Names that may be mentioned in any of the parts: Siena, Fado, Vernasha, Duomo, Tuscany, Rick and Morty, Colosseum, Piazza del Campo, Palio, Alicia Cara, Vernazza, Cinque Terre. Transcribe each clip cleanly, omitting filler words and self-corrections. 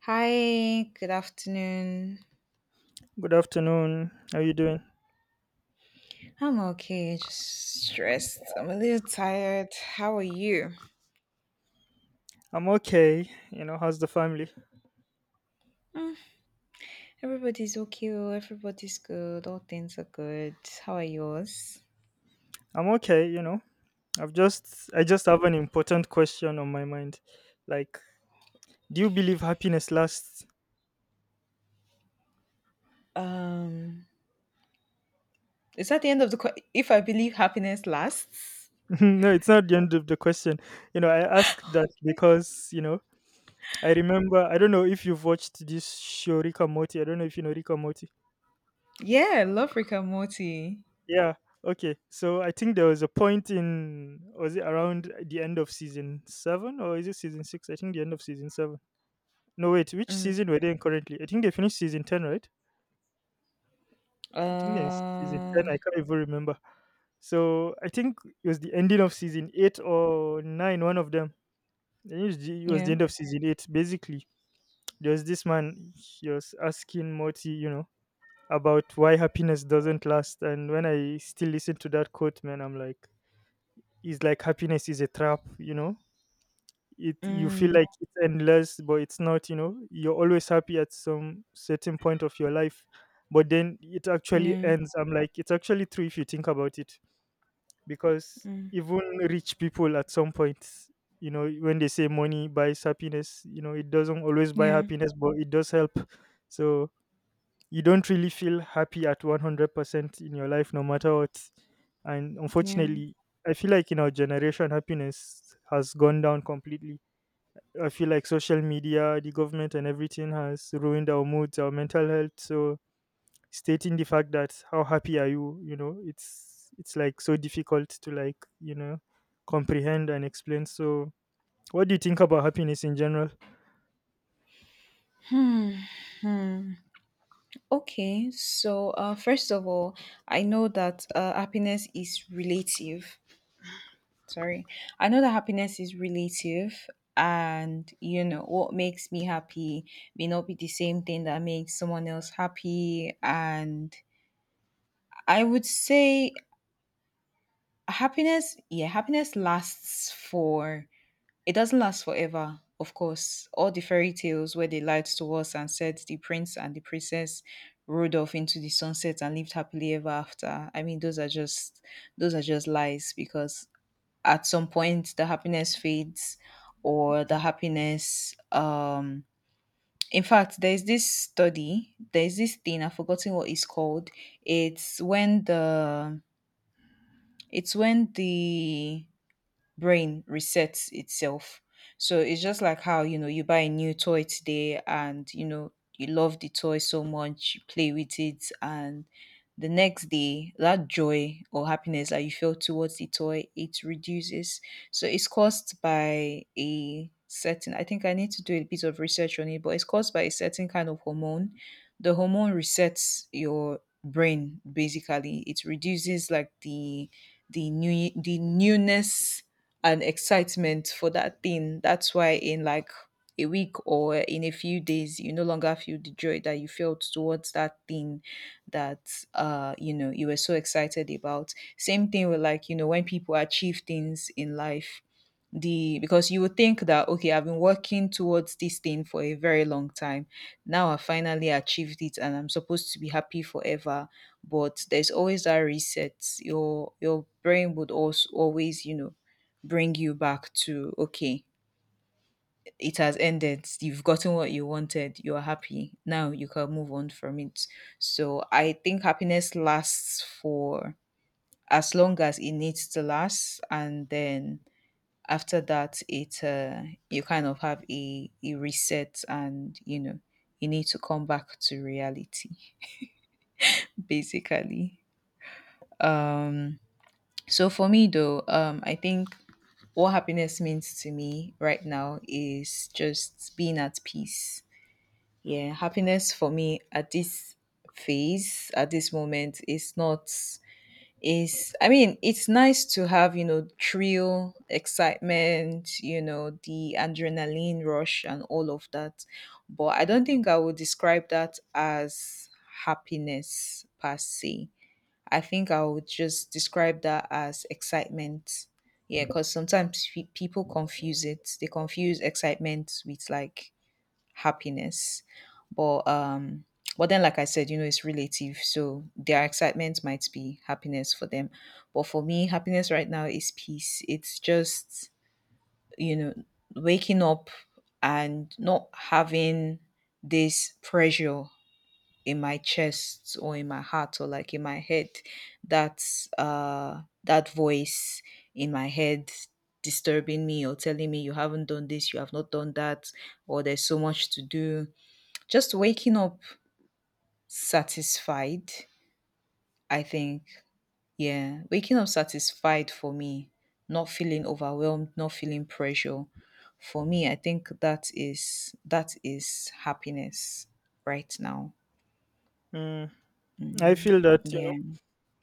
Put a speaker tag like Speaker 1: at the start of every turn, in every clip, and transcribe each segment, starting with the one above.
Speaker 1: Hi, good afternoon.
Speaker 2: Good afternoon. How you doing?
Speaker 1: I'm okay, just stressed. I'm a little tired. How are you?
Speaker 2: I'm okay. You know, how's the family?
Speaker 1: Mm, everybody's okay, everybody's good, all things are good. How are yours?
Speaker 2: I'm okay, you know. I just have an important question on my mind. Like, do you believe happiness lasts?
Speaker 1: Um, is that the end of the if I believe happiness lasts?
Speaker 2: No, it's not the end of the question. You know, I asked that because, you know, I don't know if you've watched this show Rick and Morty. I don't know if you know Rick and Morty.
Speaker 1: Yeah, love Rick and Morty.
Speaker 2: Yeah. Okay. So I think there was a point in, was it around the end of season 7 or is it season 6? I think the end of season 7. No, wait, which
Speaker 1: Mm.
Speaker 2: season were they in currently? I think they finished season 10, right? I think they're in season 10.
Speaker 1: Uh,
Speaker 2: I can't even remember. So I think it was the ending of season 8 or 9, one of them. I think it was the
Speaker 1: yeah.
Speaker 2: end of season 8. Basically, there was this man, he was asking Morty, you know, about why happiness doesn't last. And when I still listen to that quote, man, I'm like, he's like, happiness is a trap, you know? It, you feel
Speaker 1: Mm,
Speaker 2: like it's endless, but it's not. You know, you're always happy at some certain point of your life, but then it actually
Speaker 1: yeah.
Speaker 2: ends. I'm like, it's actually true if you think about it, because
Speaker 1: Mm,
Speaker 2: even rich people at some point, you know, when they say money buys happiness, you know, it doesn't always buy
Speaker 1: yeah.
Speaker 2: happiness, but it does help. So you don't really feel happy at 100% in your life no matter what. And
Speaker 1: Yeah.
Speaker 2: unfortunately, I feel like in our generation happiness has gone down completely. I feel like social media, the government, and everything has ruined our moods, our mental health. So stating the fact that how happy are you, you know, it's like so difficult to like, you know, comprehend and explain. So what do you think about happiness in general?
Speaker 1: Hmm. Hmm. Okay, so first of all, I know that happiness is relative. Sorry, I know that happiness is relative, and you know what makes me happy may not be the same thing that makes someone else happy. And I would say happiness lasts for It doesn't last forever, of course. All the fairy tales where they lied to us and said the prince and the princess rode off into the sunset and lived happily ever after. I mean, those are just lies because at some point the happiness fades or the happiness in fact, there's this thing I've forgotten what it's called. it's when the it's when the brain resets itself. So it's just like how, you know, you buy a new toy today and, you know, you love the toy so much, you play with it, and the next day, that joy or happiness that you felt towards the toy, it reduces. So it's caused by a certain, I think I need to do a bit of research on it, but it's caused by a certain kind of hormone. The hormone resets your brain. Basically, it reduces like the new the newness and excitement for that thing. That's why in like a week or in a few days, you no longer feel the joy that you felt towards that thing that you know you were so excited about. Same thing with, like, you know, when people achieve things in life, the because you would think that, okay, I've been working towards this thing for a very long time. Now I finally achieved it and I'm supposed to be happy forever. But there's always that reset. Your brain would also always, you know, bring you back to, okay, it has ended, you've gotten what you wanted, you're happy now, you can move on from it. So I think happiness lasts for as long as it needs to last, and then after that it you kind of have a reset and, you know, you need to come back to reality basically. um So for me though, I think what happiness means to me right now is just being at peace. Yeah, happiness for me at this phase, at this moment is not is I mean, it's nice to have, you know, thrill, excitement, you know, the adrenaline rush and all of that. But I don't think I would describe that as happiness per se. I think I would just describe that as excitement. Yeah, because sometimes people confuse it. They confuse excitement with like happiness. But um, but then like I said, you know, it's relative. So their excitement might be happiness for them. But for me, happiness right now is peace. It's just, you know, waking up and not having this pressure in my chest or in my heart or like in my head, that that voice in my head disturbing me or telling me you haven't done this, you have not done that, or there's so much to do. Just waking up satisfied, I think. Yeah, waking up satisfied for me, not feeling overwhelmed, not feeling pressure, for me I think that is happiness right now.
Speaker 2: Mm, I
Speaker 1: Mm,
Speaker 2: feel that, you know,
Speaker 1: yeah.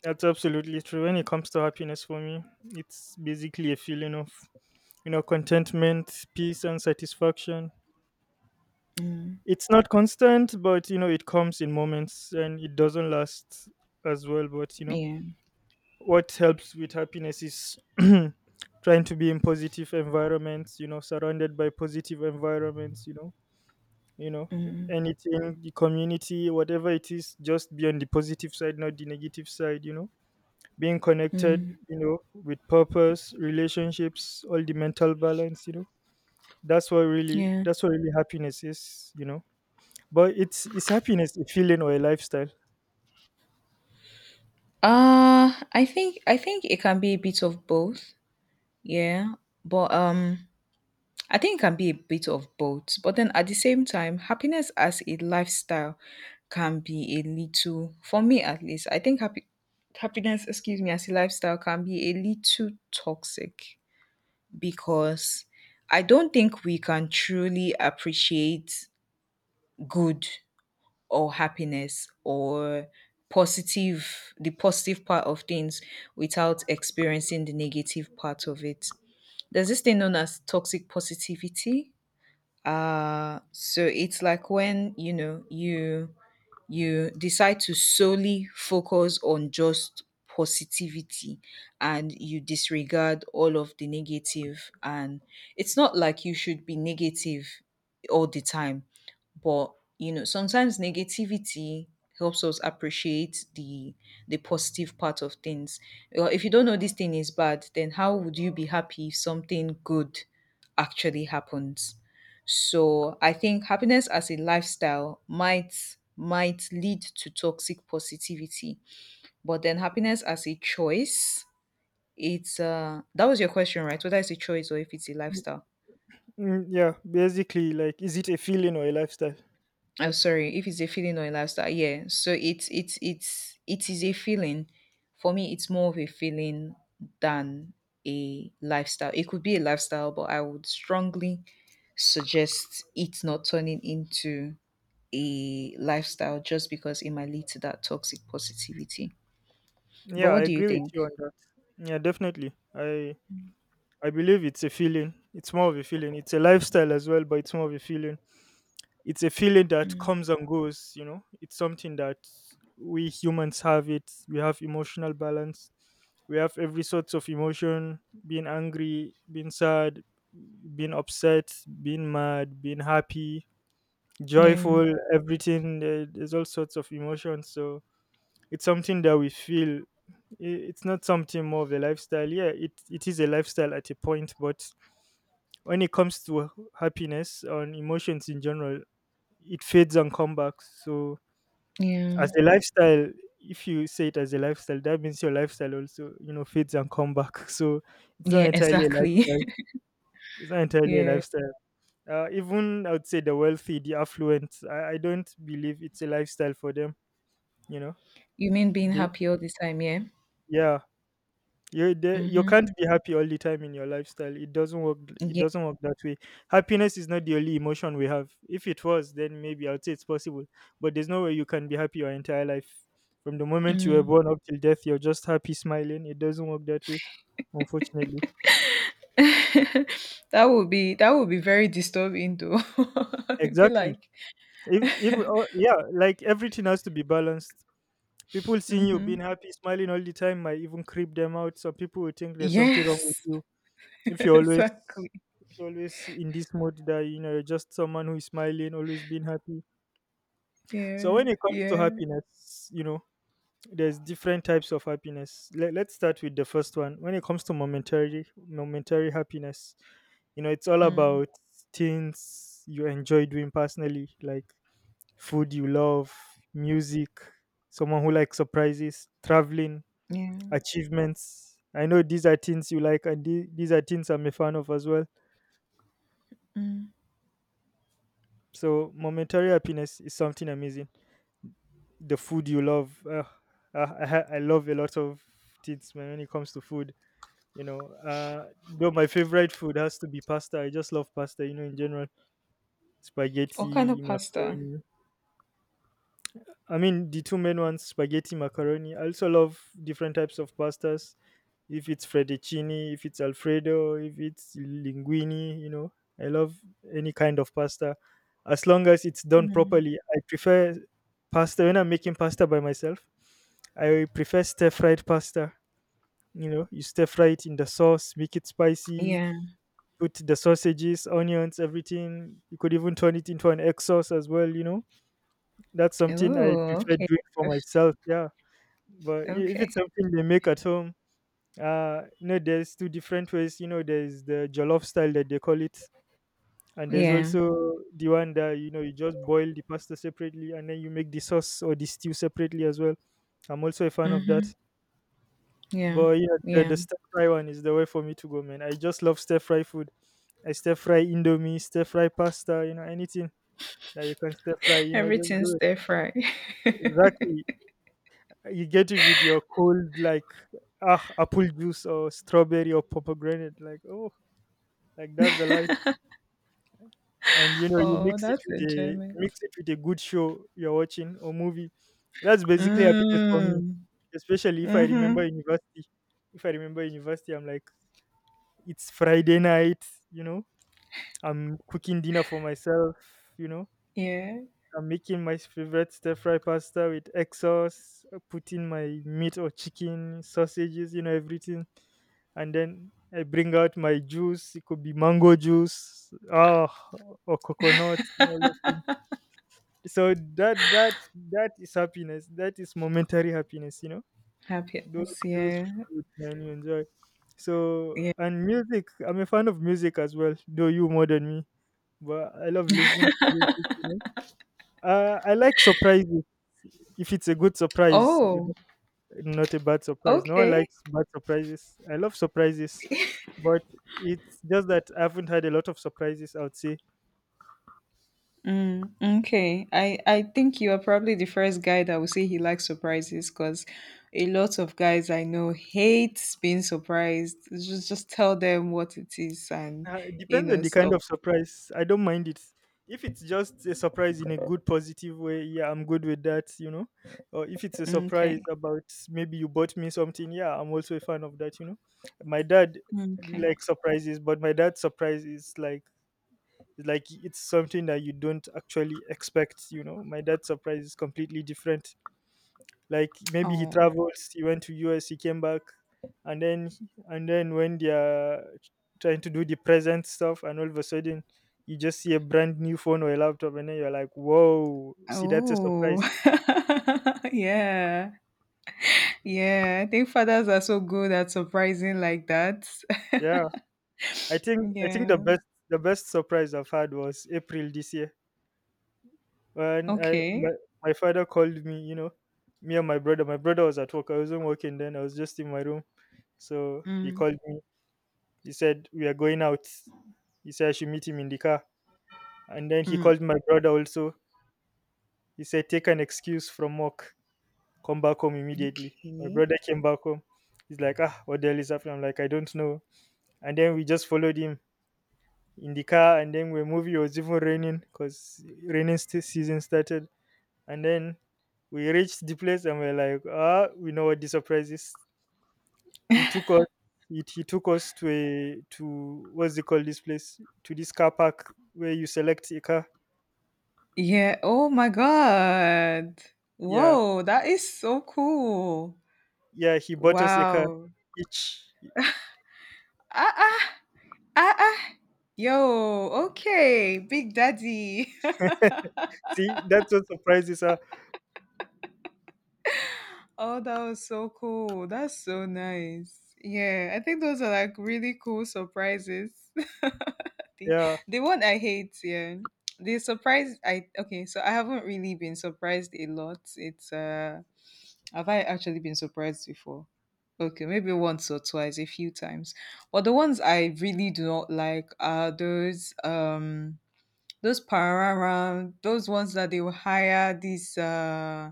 Speaker 2: that's absolutely true. When it comes to happiness for me, it's basically a feeling of, you know, contentment, peace, and satisfaction.
Speaker 1: Mm.
Speaker 2: It's not constant, but you know, it comes in moments and it doesn't last as well. But you know,
Speaker 1: Yeah,
Speaker 2: what helps with happiness is trying to be in positive environments, you know, surrounded by positive environments, you know, anything, the community, whatever it is, just be on the positive side, not the negative side, you know, being connected, you know, with purpose, relationships, all the mental balance, you know,
Speaker 1: yeah.
Speaker 2: that's what really happiness is, you know. But it's, is happiness a feeling or a lifestyle?
Speaker 1: I think it can be a bit of both. Yeah. But I think it can be a bit of both. But then at the same time, happiness as a lifestyle can be a little, for me at least. I think happy happiness, excuse me, as a lifestyle can be a little toxic, because I don't think we can truly appreciate good or happiness or positive the positive part of things without experiencing the negative part of it. There's this thing known as toxic positivity. So it's like when, you know, you decide to solely focus on just positivity and you disregard all of the negative. And it's not like you should be negative all the time, but you know, sometimes negativity helps us appreciate the positive part of things. Well, if you don't know this thing is bad, then how would you be happy if something good actually happens? So I think happiness as a lifestyle might lead to toxic positivity. But then happiness as a choice, it's that was your question, right? Whether it's a choice or if it's a lifestyle.
Speaker 2: Mm, yeah, basically, like, is it a feeling or a lifestyle?
Speaker 1: I'm sorry, if it's a feeling or a lifestyle. Yeah. So it is a feeling. For me, it's more of a feeling than a lifestyle. It could be a lifestyle, but I would strongly suggest it not turning into a lifestyle, just because it might lead to that toxic positivity. But
Speaker 2: Yeah, I
Speaker 1: what do you
Speaker 2: agree with
Speaker 1: think?
Speaker 2: you on that. Yeah, definitely. I believe it's a feeling. It's more of a feeling. It's a lifestyle as well, but it's more of a feeling. It's a feeling that comes and goes. You know, it's something that we humans have it. We have emotional balance. We have every sorts of emotion. Being angry, being sad, being upset, being mad, being happy,
Speaker 1: Yeah.
Speaker 2: joyful, everything. There's all sorts of emotions. So it's something that we feel. It's not something more of a lifestyle. Yeah, it is a lifestyle at a point, but when it comes to happiness and emotions in general, it fades and comes back. So
Speaker 1: Yeah.
Speaker 2: as a lifestyle, if you say it as a lifestyle, that means your lifestyle also, you know, fades and come back. So it's not
Speaker 1: Yeah,
Speaker 2: entirely a
Speaker 1: exactly.
Speaker 2: lifestyle. It's not entirely a
Speaker 1: yeah.
Speaker 2: lifestyle. Uh, even I would say the wealthy, the affluent. I don't believe it's a lifestyle for them. You know,
Speaker 1: You mean being
Speaker 2: they,
Speaker 1: happy all the time, yeah?
Speaker 2: yeah, you they, you
Speaker 1: Mm-hmm.
Speaker 2: can't be happy all the time in your lifestyle. It doesn't work. It
Speaker 1: Yeah.
Speaker 2: doesn't work that way. Happiness is not the only emotion we have. If it was, then maybe I'd say it's possible. But there's no way you can be happy your entire life. From the moment you were
Speaker 1: Mm.
Speaker 2: born up till death, you're just happy, smiling. It doesn't work that way, unfortunately.
Speaker 1: That would be very disturbing though. It'd be
Speaker 2: Exactly.
Speaker 1: like,
Speaker 2: If, Oh, yeah, like everything has to be balanced. People seeing you
Speaker 1: mm-hmm.
Speaker 2: being happy, smiling all the time might even creep them out. Some people will think there's something wrong with
Speaker 1: Yes,
Speaker 2: you if you're always
Speaker 1: exactly.
Speaker 2: if you're always in this mode that, you know, you're just someone who is smiling, always being happy. So when
Speaker 1: Yeah,
Speaker 2: it comes to
Speaker 1: yeah,
Speaker 2: happiness, you know, there's different types of happiness. Let's start with the first one. When it comes to momentary happiness, you know, it's all
Speaker 1: mm,
Speaker 2: about things you enjoy doing personally, like food you love, music, someone who likes surprises, traveling,
Speaker 1: yeah.
Speaker 2: achievements. I know these are things you like, and these are things I'm a fan of as well.
Speaker 1: Mm.
Speaker 2: So, momentary happiness is something amazing. The food you love, I love a lot of things, man, when it comes to food. You know, though my favorite food has to be pasta. I just love pasta. You know, in general,
Speaker 1: What kind of
Speaker 2: spaghetti,
Speaker 1: pasta?
Speaker 2: macaroni. I mean, the two main ones, spaghetti, macaroni. I also love different types of pastas. If it's fettuccine, if it's alfredo, if it's linguine, you know, I love any kind of pasta as long as it's done
Speaker 1: Mm.
Speaker 2: properly. I prefer pasta when I'm making pasta by myself. I prefer stir fried pasta. You know, you stir fry it in the sauce, make it spicy,
Speaker 1: Yeah.
Speaker 2: put the sausages, onions, everything. You could even turn it into an egg sauce as well, you know, that's something I
Speaker 1: Oh,
Speaker 2: prefer
Speaker 1: okay.
Speaker 2: doing for
Speaker 1: F-
Speaker 2: myself, yeah. But if it's
Speaker 1: Okay.
Speaker 2: something they make at home, you know, there's two different ways. You know, there's the jollof style that they call it, and there's
Speaker 1: Yeah.
Speaker 2: also the one that, you know, you just boil the pasta separately and then you make the sauce or the stew separately as well. I'm also a fan of that.
Speaker 1: Mm-hmm. Yeah.
Speaker 2: But yeah,
Speaker 1: Yeah.
Speaker 2: the stir fry one is the way for me to go, man. I just love stir fry food. I stir fry indomie, stir fry pasta, you know, anything that you can stir fry, you know, just
Speaker 1: Everything's
Speaker 2: do it.
Speaker 1: stir fry.
Speaker 2: Exactly. You get it with your cold, like, ah, apple juice or strawberry or pomegranate. Like, oh, like that's the life. And you know,
Speaker 1: Oh, that's
Speaker 2: you
Speaker 1: enjoyment.
Speaker 2: mix it with a good show you're watching or movie. That's basically happiness for me.
Speaker 1: Mm.
Speaker 2: Especially if I
Speaker 1: Mm-hmm.
Speaker 2: remember university. If I remember university, I'm like, it's Friday night. You know, I'm cooking dinner for myself. You know,
Speaker 1: Yeah.
Speaker 2: I'm making my favorite stir fry pasta with egg sauce, putting my meat or chicken, sausages, you know, everything. And then I bring out my juice. It could be mango juice, ah, or coconut, and all those things. So that that is happiness. That is momentary happiness. You know, those
Speaker 1: Happiness.
Speaker 2: those
Speaker 1: Yeah.
Speaker 2: foods, man, you enjoy. So,
Speaker 1: Yeah.
Speaker 2: and music. I'm a fan of music as well, though you more than me. But I love listening to music. You know? Uh, I like surprises if it's a good surprise.
Speaker 1: Oh,
Speaker 2: Not a bad surprise. No one
Speaker 1: okay.
Speaker 2: likes bad surprises. I love surprises, but it's just that I haven't had a lot of surprises, I would say.
Speaker 1: Mm, okay. I think you are probably the first guy that will say he likes surprises, because a lot of guys I know hate being surprised. Just tell them what it is and
Speaker 2: It
Speaker 1: you
Speaker 2: depends
Speaker 1: know
Speaker 2: on the kind
Speaker 1: stop.
Speaker 2: of surprise. I don't mind it. If it's just a surprise in a good, positive way, yeah, I'm good with that, you know. Or if it's a
Speaker 1: Okay.
Speaker 2: surprise about maybe you bought me something, yeah, I'm also a fan of that, you know. My dad
Speaker 1: Okay.
Speaker 2: likes surprises, but my dad's surprise is like it's something that you don't actually expect, you know. My dad's surprise is completely different, like maybe he
Speaker 1: Oh.
Speaker 2: travels, he went to us, he came back, and then and then when they are trying to do the present stuff and all of a sudden you just see a brand new phone or a laptop and then you're like, whoa, see, that's a
Speaker 1: Oh.
Speaker 2: surprise.
Speaker 1: yeah. Yeah. I think fathers are so good at surprising like that.
Speaker 2: Yeah, I think the
Speaker 1: yeah.
Speaker 2: best, the best surprise I've had was April this year when
Speaker 1: Okay.
Speaker 2: my father called me, you know, me and my brother. My brother was at work, I wasn't working then, I was just in my room. So he
Speaker 1: Mm.
Speaker 2: called me, he said we are going out, he said I should meet him in the car. And then he
Speaker 1: Mm.
Speaker 2: called my brother also. He said, take an excuse from work, come back home immediately. My
Speaker 1: Okay.
Speaker 2: brother came back home. He's like, ah, what the hell is happening? I'm like, I don't know. And then we just followed him in the car. And then we moved. It was even raining because season started. And then we reached the place and we're like, ah, we know what the surprise is. He took us. He took us to a to what's it called this place to this car park where you select a car,
Speaker 1: Yeah. Oh my God.
Speaker 2: yeah.
Speaker 1: Whoa, that is so cool.
Speaker 2: Yeah, he bought us a car
Speaker 1: Wow.
Speaker 2: each.
Speaker 1: Ah, ah, ah. Yo, okay. Big Daddy.
Speaker 2: See, that's what surprises her.
Speaker 1: Oh, that was so cool. That's so nice. Yeah, I think those are like really cool surprises. the,
Speaker 2: Yeah.
Speaker 1: the one I hate, yeah. The surprise I okay, so I haven't really been surprised a lot. It's have I actually been surprised before? Okay, maybe once or twice, a few times. But the ones I really do not like are those parara, those ones that they will hire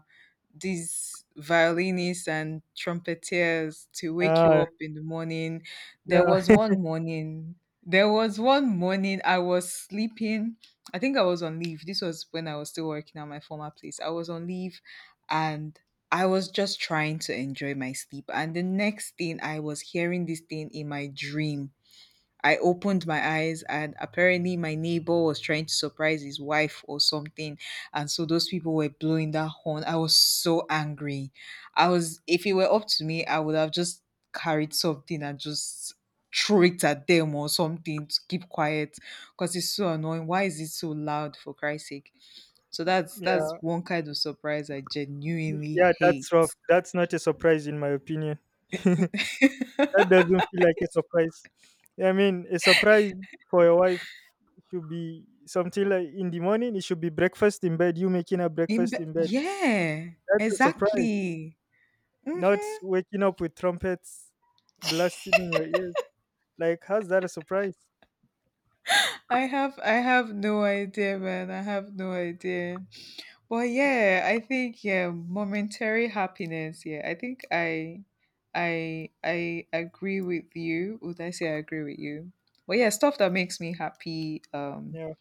Speaker 1: these violinists and trumpeters to wake you
Speaker 2: Yeah.
Speaker 1: up in the morning. There was
Speaker 2: Yeah.
Speaker 1: one morning, there was one morning I was sleeping. I think I was on leave. This was when I was still working at my former place. I was on leave and I was just trying to enjoy my sleep. And the next thing, I was hearing this thing in my dream. I opened my eyes, and apparently, my neighbor was trying to surprise his wife or something. And so those people were blowing that horn. I was so angry. I was, if it were up to me, I would have just carried something and just throw it at them or something to keep quiet, because it's so annoying. Why is it so loud, for Christ's sake? So that's
Speaker 2: Yeah.
Speaker 1: one kind of surprise I genuinely
Speaker 2: Yeah,
Speaker 1: hate.
Speaker 2: that's rough. That's not a surprise in my opinion. That doesn't feel like a surprise. I mean, a surprise for your wife should be something like in the morning, it should be breakfast in bed, you making her
Speaker 1: In,
Speaker 2: breakfast in bed.
Speaker 1: yeah,
Speaker 2: That's a surprise.
Speaker 1: exactly.
Speaker 2: Not
Speaker 1: hmm
Speaker 2: waking up with trumpets blasting in your ears. Like, how's that a surprise?
Speaker 1: I have no idea, man. I have no idea. But yeah, I think, yeah, momentary happiness. Yeah, I think I agree with you. Would I say I agree with you? But yeah, stuff that makes me happy
Speaker 2: Yeah,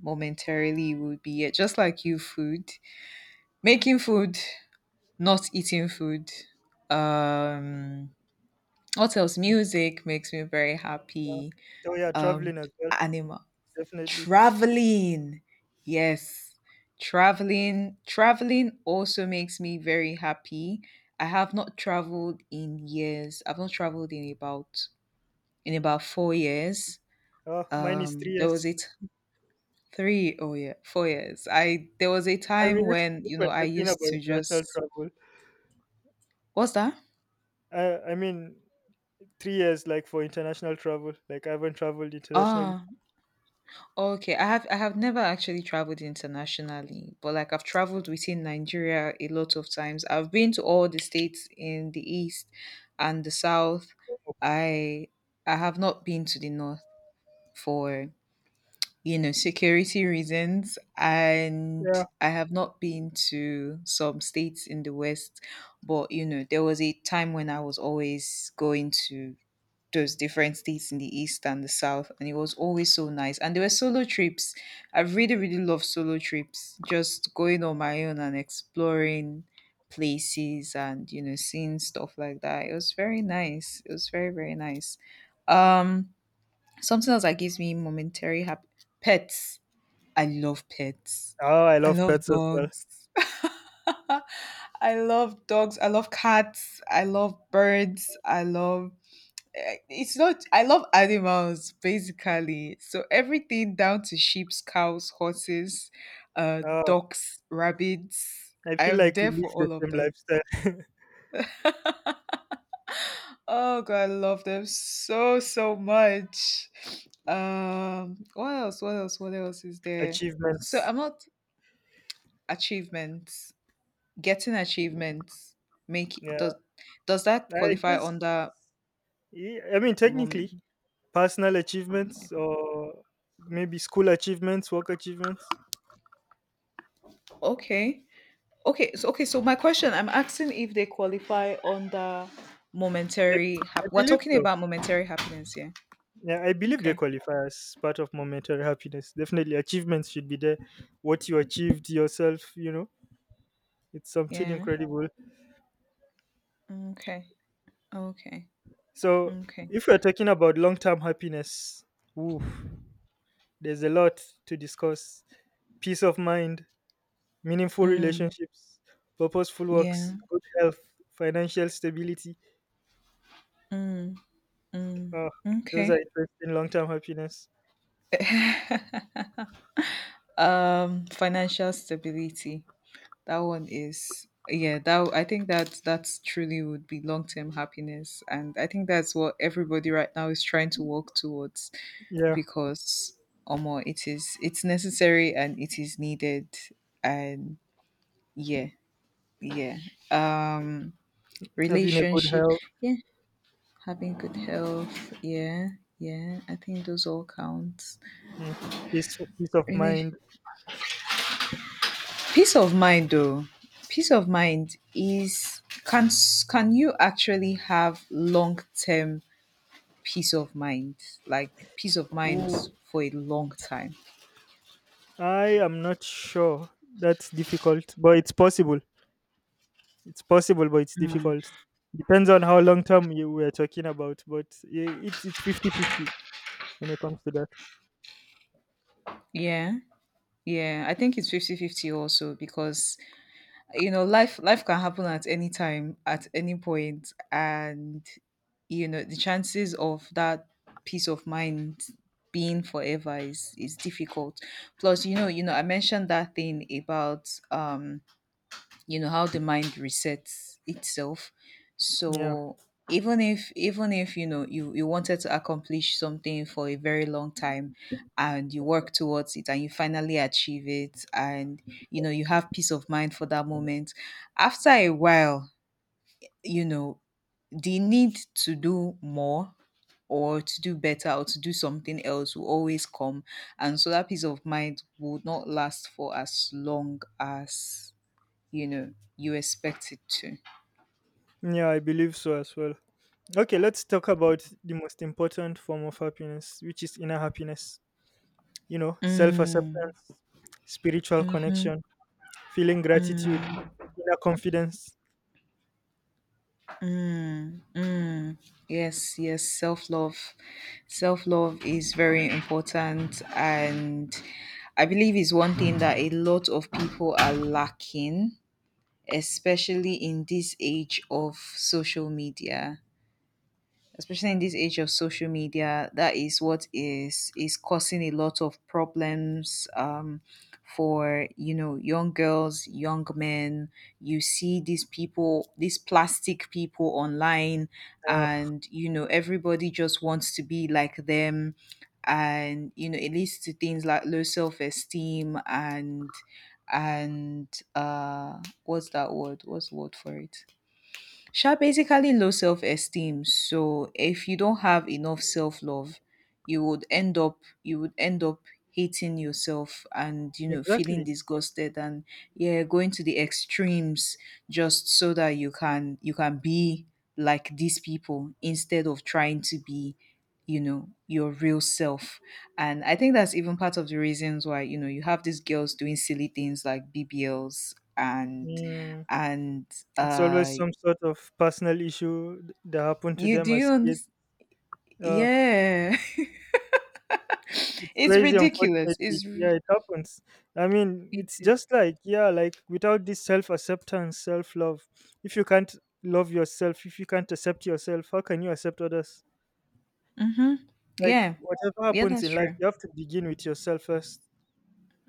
Speaker 1: momentarily would be, yeah, just like you, food. Making food, not eating food. Um what else? Music makes me very
Speaker 2: yeah.
Speaker 1: happy.
Speaker 2: Oh yeah,
Speaker 1: Um
Speaker 2: traveling as well,
Speaker 1: animals.
Speaker 2: definitely.
Speaker 1: Traveling. Yes. Traveling also makes me very happy. I have not traveled in years. I've not traveled in about 4 years.
Speaker 2: Oh, mine is three
Speaker 1: There was
Speaker 2: years.
Speaker 1: it 3 oh yeah, 4 years. I there was a
Speaker 2: I mean,
Speaker 1: time when,
Speaker 2: if
Speaker 1: you
Speaker 2: we're
Speaker 1: know, I
Speaker 2: talking
Speaker 1: used
Speaker 2: about
Speaker 1: to
Speaker 2: international
Speaker 1: just
Speaker 2: travel,
Speaker 1: What's that?
Speaker 2: I mean, 3 years like for international travel. Like, I haven't traveled internationally.
Speaker 1: Ah, okay, I have never actually traveled internationally, but like I've traveled within Nigeria a lot of times. I've been to all the states in the east and the south. I I have not been to the north for, you know, security reasons, and
Speaker 2: Yeah.
Speaker 1: I have not been to some states in the west, but you know, there was a time when I was always going to those different states in the east and the south, and it was always so nice, and there were solo trips. I really really love solo trips, just going on my own and exploring places and, you know, seeing stuff like that. It was very nice, it was very very nice. um Something else that gives me momentary happy pets. I love pets.
Speaker 2: Oh, I
Speaker 1: I
Speaker 2: love
Speaker 1: love
Speaker 2: pets as well.
Speaker 1: dogs. I love dogs. I love cats. I love birds. I love it's not, I love animals basically, so everything down to sheep's, cows, horses,
Speaker 2: Oh,
Speaker 1: ducks, rabbits,
Speaker 2: I
Speaker 1: I
Speaker 2: feel
Speaker 1: am
Speaker 2: like we
Speaker 1: there for
Speaker 2: live the
Speaker 1: all of
Speaker 2: same
Speaker 1: them.
Speaker 2: lifestyle.
Speaker 1: Oh god, I love them so much. What else, what else, what else is there so
Speaker 2: Achievements.
Speaker 1: I'm not Achievements, getting achievements, make
Speaker 2: Yeah.
Speaker 1: does that
Speaker 2: I
Speaker 1: qualify
Speaker 2: guess,
Speaker 1: under
Speaker 2: yeah, I mean,
Speaker 1: moment?
Speaker 2: technically, personal achievements or maybe school achievements, work achievements.
Speaker 1: Okay. Okay, so okay, so my question, I'm asking if they qualify under
Speaker 2: I,
Speaker 1: momentary
Speaker 2: I
Speaker 1: we're
Speaker 2: believe
Speaker 1: talking
Speaker 2: so.
Speaker 1: about momentary happiness, yeah.
Speaker 2: Yeah, I believe they
Speaker 1: Okay.
Speaker 2: qualify as part of momentary happiness. Definitely, achievements should be there. What you achieved yourself, you know, it's something
Speaker 1: Yeah.
Speaker 2: incredible.
Speaker 1: Okay. Okay.
Speaker 2: So,
Speaker 1: Okay.
Speaker 2: if we're talking about long term happiness, oof, there's a lot to discuss peace of mind, meaningful
Speaker 1: Mm,
Speaker 2: relationships, purposeful
Speaker 1: yeah.
Speaker 2: works, good health, financial stability.
Speaker 1: Mm, mm,
Speaker 2: Uh, those are
Speaker 1: okay.
Speaker 2: interesting long term happiness.
Speaker 1: Financial stability. That one is, yeah, that I think that that's truly would be long-term happiness, and I think that's what everybody right now is trying to work towards,
Speaker 2: Yeah,
Speaker 1: because omo it is, it's necessary and it is needed. And yeah, yeah. um
Speaker 2: having a good
Speaker 1: Relationship,
Speaker 2: health,
Speaker 1: yeah, having good health, yeah. Yeah, I think those all count.
Speaker 2: mm, peace of
Speaker 1: Really,
Speaker 2: mind.
Speaker 1: peace of mind though, peace of mind is, can you actually have long term peace of mind, like peace of mind
Speaker 2: Ooh.
Speaker 1: for a long time?
Speaker 2: I am not sure. That's difficult, but it's possible. It's possible, but it's difficult. Depends on how long term you were talking about, but it's 50 50 when it comes to that.
Speaker 1: Yeah, yeah, I think it's 50 50 also, because you know, life can happen at any time, at any point. And you know, the chances of that peace of mind being forever is difficult. Plus you know, you know, I mentioned that thing about you know how the mind resets itself.
Speaker 2: Yeah.
Speaker 1: So even if, even if, you know, you wanted to accomplish something for a very long time, and you work towards it, and you finally achieve it, and you know, you have peace of mind for that moment, after a while, you know, the need to do more, or to do better, or to do something else will always come. And so that peace of mind will not last for as long as, you know, you expect it to.
Speaker 2: Yeah, I believe so as well. Okay, let's talk about the most important form of happiness, which is inner happiness. You know,
Speaker 1: Mm,
Speaker 2: self-acceptance, spiritual connection, feeling gratitude, inner confidence.
Speaker 1: mm, mm. Yes, yes, self love, self love is very important, and I believe is one thing that a lot of people are lacking, especially in this age of social media, especially in this age of social media. That is what is causing a lot of problems, for, you know, young girls, young men. You see these people, these plastic people online,
Speaker 2: Yeah,
Speaker 1: and you know, everybody just wants to be like them. And you know, it leads to things like low self-esteem and what's that word, what's the word for it, basically low self-esteem. So if you don't have enough self-love, you would end up, you would end up hating yourself and you know, feeling
Speaker 2: exactly.
Speaker 1: disgusted and, yeah, going to the extremes, just so that you can, you can be like these people, instead of trying to be, you know, your real self. And I think that's even part of the reasons why, you know, you have these girls doing silly things like bbls and
Speaker 2: Hmm.
Speaker 1: and
Speaker 2: It's
Speaker 1: uh
Speaker 2: always some sort of personal issue that happened to
Speaker 1: you do,
Speaker 2: them
Speaker 1: you
Speaker 2: as kids.
Speaker 1: understand?
Speaker 2: Uh,
Speaker 1: Yeah.
Speaker 2: it's
Speaker 1: It's
Speaker 2: crazy,
Speaker 1: ridiculous.
Speaker 2: unfortunately.
Speaker 1: It's r,
Speaker 2: Yeah, it happens. I mean,
Speaker 1: it
Speaker 2: it's
Speaker 1: is.
Speaker 2: just like, yeah, like without this self acceptance, self love, if you can't love yourself, if you can't accept yourself, how can you accept others?
Speaker 1: Mhm.
Speaker 2: Like,
Speaker 1: Yeah.
Speaker 2: whatever
Speaker 1: Yeah,
Speaker 2: happens
Speaker 1: that's
Speaker 2: in life,
Speaker 1: true.
Speaker 2: you have to begin with yourself first.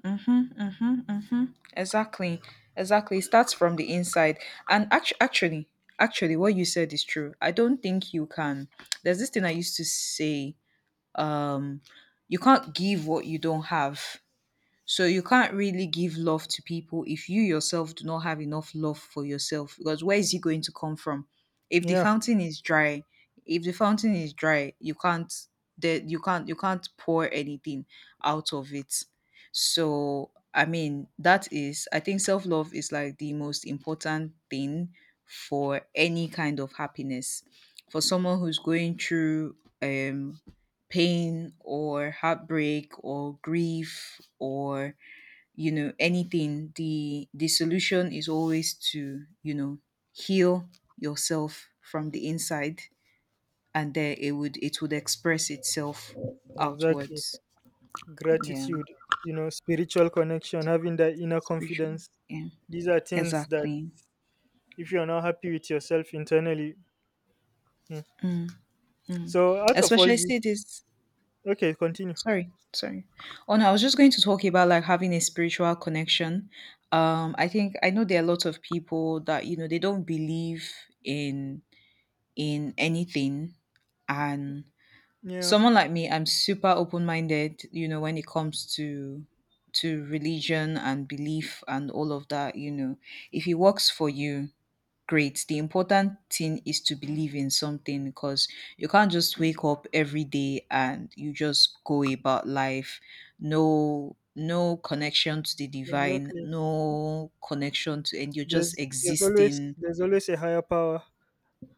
Speaker 1: Mhm, mhm, mhm. Exactly. Exactly. It starts from the inside. And actually, actually, actually what you said is true. I don't think you can, there's this thing I used to say, um, you can't give what you don't have. So you can't really give love to people if you yourself do not have enough love for yourself, because where is it going to come from? If the
Speaker 2: Yeah,
Speaker 1: fountain is dry, if the fountain is dry, you can't, that you can't, you can't pour anything out of it. So I mean, that is, I think self-love is like the most important thing for any kind of happiness. For someone who's going through um pain or heartbreak or grief or, you know anything, the solution is always to, you know, heal yourself from the inside, and then it would, it would express itself
Speaker 2: exactly.
Speaker 1: outwards. Yeah,
Speaker 2: Gratitude, you know, spiritual connection, having that inner
Speaker 1: spiritual,
Speaker 2: confidence.
Speaker 1: yeah,
Speaker 2: These are things that
Speaker 1: exactly.
Speaker 2: if you're not happy with yourself internally, hmm.
Speaker 1: Mm, mm.
Speaker 2: So out of all
Speaker 1: Especially
Speaker 2: these,
Speaker 1: say this,
Speaker 2: okay, continue.
Speaker 1: sorry, sorry. Oh no, I was just going to talk about like having a spiritual connection. I think, I know there are lots of people that, you know, they don't believe in in anything. And
Speaker 2: Yeah,
Speaker 1: someone like me, I'm super open-minded, you know, when it comes to religion and belief and all of that. You know, if it works for you, great. The important thing is to believe in something, because you can't just wake up every day and you just go about life, no no connection to the divine,
Speaker 2: exactly.
Speaker 1: no connection to, and you're just
Speaker 2: There's always
Speaker 1: existing.
Speaker 2: a higher power.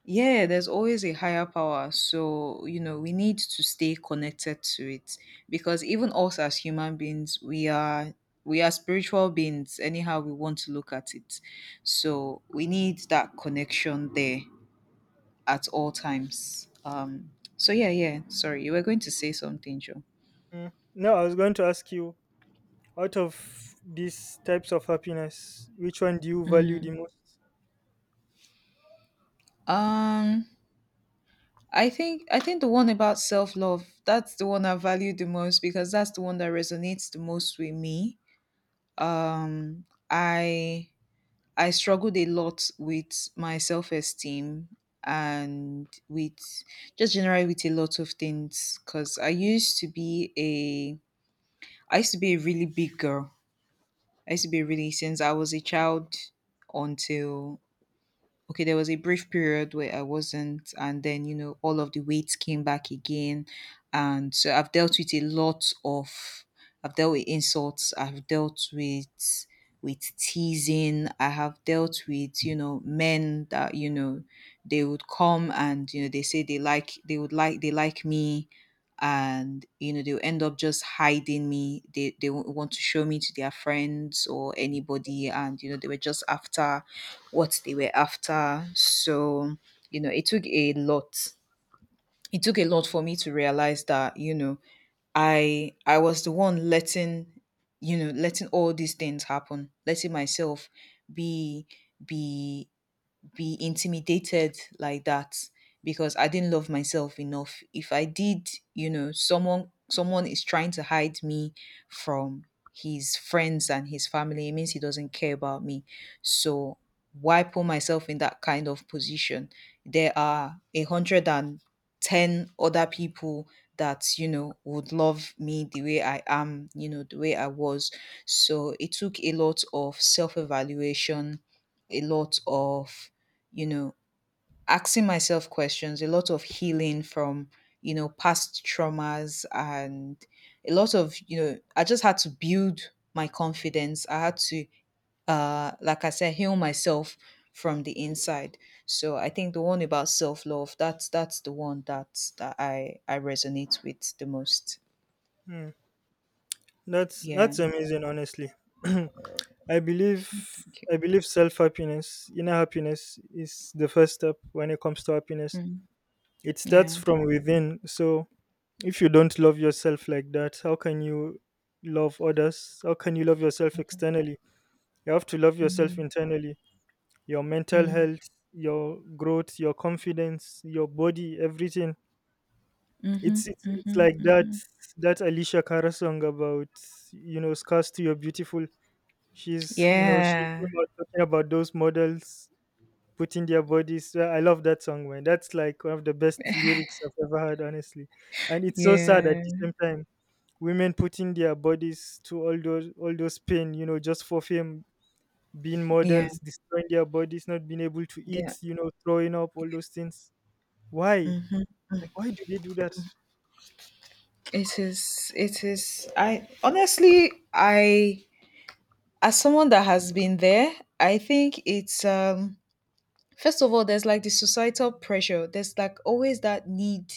Speaker 1: Yeah, there's always a higher power. So, you know, we need to stay connected to it, because even us as human beings, we are, we are spiritual beings, anyhow we want to look at it. So, we need that connection there at all times. So yeah, yeah, sorry. You were going to say something, Joe.
Speaker 2: Mm. No, I was going to ask you, out of these types of happiness, which one do you value
Speaker 1: Mm.
Speaker 2: the most?
Speaker 1: Um, I think, I think the one about self love, that's the one I value the most, because that's the one that resonates the most with me. um i I struggled a lot with my self-esteem, and with, just generally with a lot of things, because I used to be a, I used to be a really big girl. I used to be, really since I was a child, until, okay, there was a brief period where I wasn't, and then you know all of the weight came back again, and so I've dealt with a lot of, I've dealt with insults, I've dealt with teasing, I have dealt with, you know, men that, you know, they would come and, you know, they say they like, they would like, they like me, and you know, they'll end up just hiding me, they won't want to show me to their friends or anybody, and you know, they were just after what they were after. So, you know, it took a lot. It took a lot for me to realize that, you know, I was the one letting, you know, letting all these things happen, letting myself be be be intimidated like that, because I didn't love myself enough. If I did, you know, someone is trying to hide me from his friends and his family, it means he doesn't care about me. So why put myself in that kind of position? There are 110 other people that, you know, would love me the way I am, you know, the way I was. So it took a lot of self evaluation, a lot of, you know, asking myself questions, a lot of healing from, you know, past traumas and a lot of, you know, I just had to build my confidence. I had to, like I said, heal myself from the inside. So I think the one about self-love, that's the one that that I resonate with the most.
Speaker 2: Mm. That's
Speaker 1: Yeah,
Speaker 2: amazing, honestly. I believe
Speaker 1: thank you.
Speaker 2: self happiness, inner happiness, is the first step when it comes to happiness.
Speaker 1: Mm,
Speaker 2: It starts
Speaker 1: yeah.
Speaker 2: from within. So if you don't love yourself like that, how can you love others? How can you love yourself
Speaker 1: Mm-hmm.
Speaker 2: externally? You have to love yourself
Speaker 1: Mm-hmm.
Speaker 2: internally. Your mental health, your growth, your confidence, your body, everything.
Speaker 1: Mm-hmm.
Speaker 2: It's
Speaker 1: Mm-hmm.
Speaker 2: like that
Speaker 1: Mm-hmm.
Speaker 2: that Alicia Cara song about, you know, scars to your beautiful. She's, you know, she
Speaker 1: Yeah.
Speaker 2: came out talking about those models putting their bodies. Yeah, I love that song, man. That's like one of the best lyrics I've ever heard, honestly. And it's so sad at
Speaker 1: Yeah.
Speaker 2: the same time women putting their bodies to all those pain, you know, just for fame, being
Speaker 1: Yeah.
Speaker 2: models, destroying their bodies, not being able to
Speaker 1: Yeah,
Speaker 2: eat, you know, throwing up all those things. Why, like why do they do that?
Speaker 1: it is. It is. I honestly, I, as someone that has been there, I think it's first of all, there's like the societal pressure. There's like always that need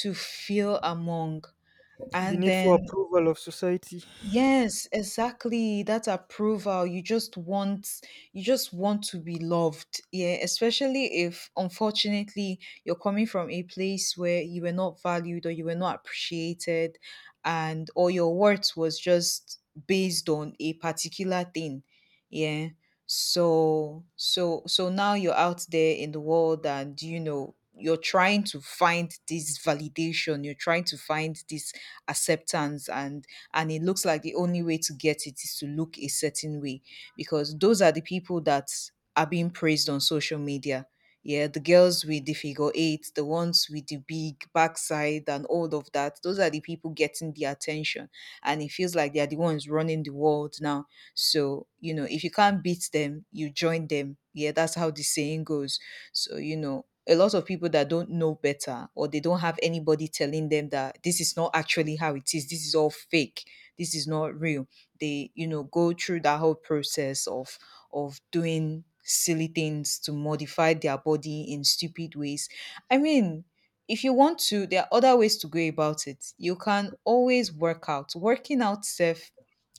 Speaker 1: to feel among,
Speaker 2: The
Speaker 1: and
Speaker 2: need for
Speaker 1: then,
Speaker 2: approval of society,
Speaker 1: yes, exactly. That approval. You just want, you just want to be loved. Yeah, especially if unfortunately you're coming from a place where you were not valued or you were not appreciated, and or your worth was just based on a particular thing. Yeah. So now you're out there in the world and you know, you're trying to find this validation, you're trying to find this acceptance, and it looks like the only way to get it is to look a certain way, because those are the people that are being praised on social media. Yeah, the girls with the figure eight, the ones with the big backside and all of that, those are the people getting the attention. And it feels like they are the ones running the world now. So, you know, if you can't beat them, you join them. Yeah, that's how the saying goes. So, you know, a lot of people that don't know better, or they don't have anybody telling them that this is not actually how it is, this is all fake, this is not real, they, you know, go through that whole process of doing silly things to modify their body in stupid ways. I mean, if you want to, there are other ways to go about it. You can always work out. Working out self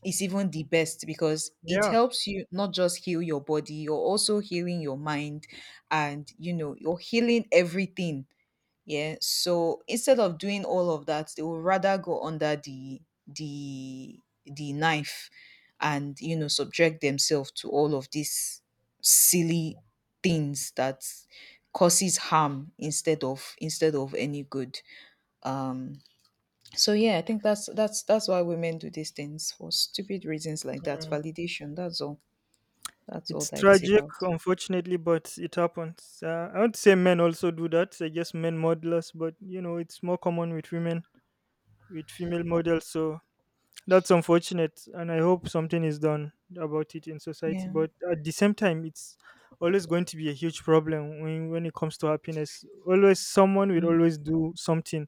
Speaker 1: is even the best, because it
Speaker 2: yeah.
Speaker 1: helps you not just heal your body, you're also healing your mind, and you know, you're healing everything. Yeah, so instead of doing all of that, they would rather go under the the knife, and you know, subject themselves to all of these silly things that causes harm instead of, instead of any good. um so yeah, I think that's, that's why women do these things, for stupid reasons like that,
Speaker 2: Mm.
Speaker 1: validation, that's all, that's all
Speaker 2: It's
Speaker 1: that it's
Speaker 2: tragic,
Speaker 1: about.
Speaker 2: unfortunately, but it happens. I would say men also do that, I guess, men modelers, but you know, it's more common with women, with female models. So that's unfortunate, and I hope something is done about it in society.
Speaker 1: Yeah.
Speaker 2: But at the same time, it's always going to be a huge problem when it comes to happiness. Always, someone will
Speaker 1: Mm,
Speaker 2: always do something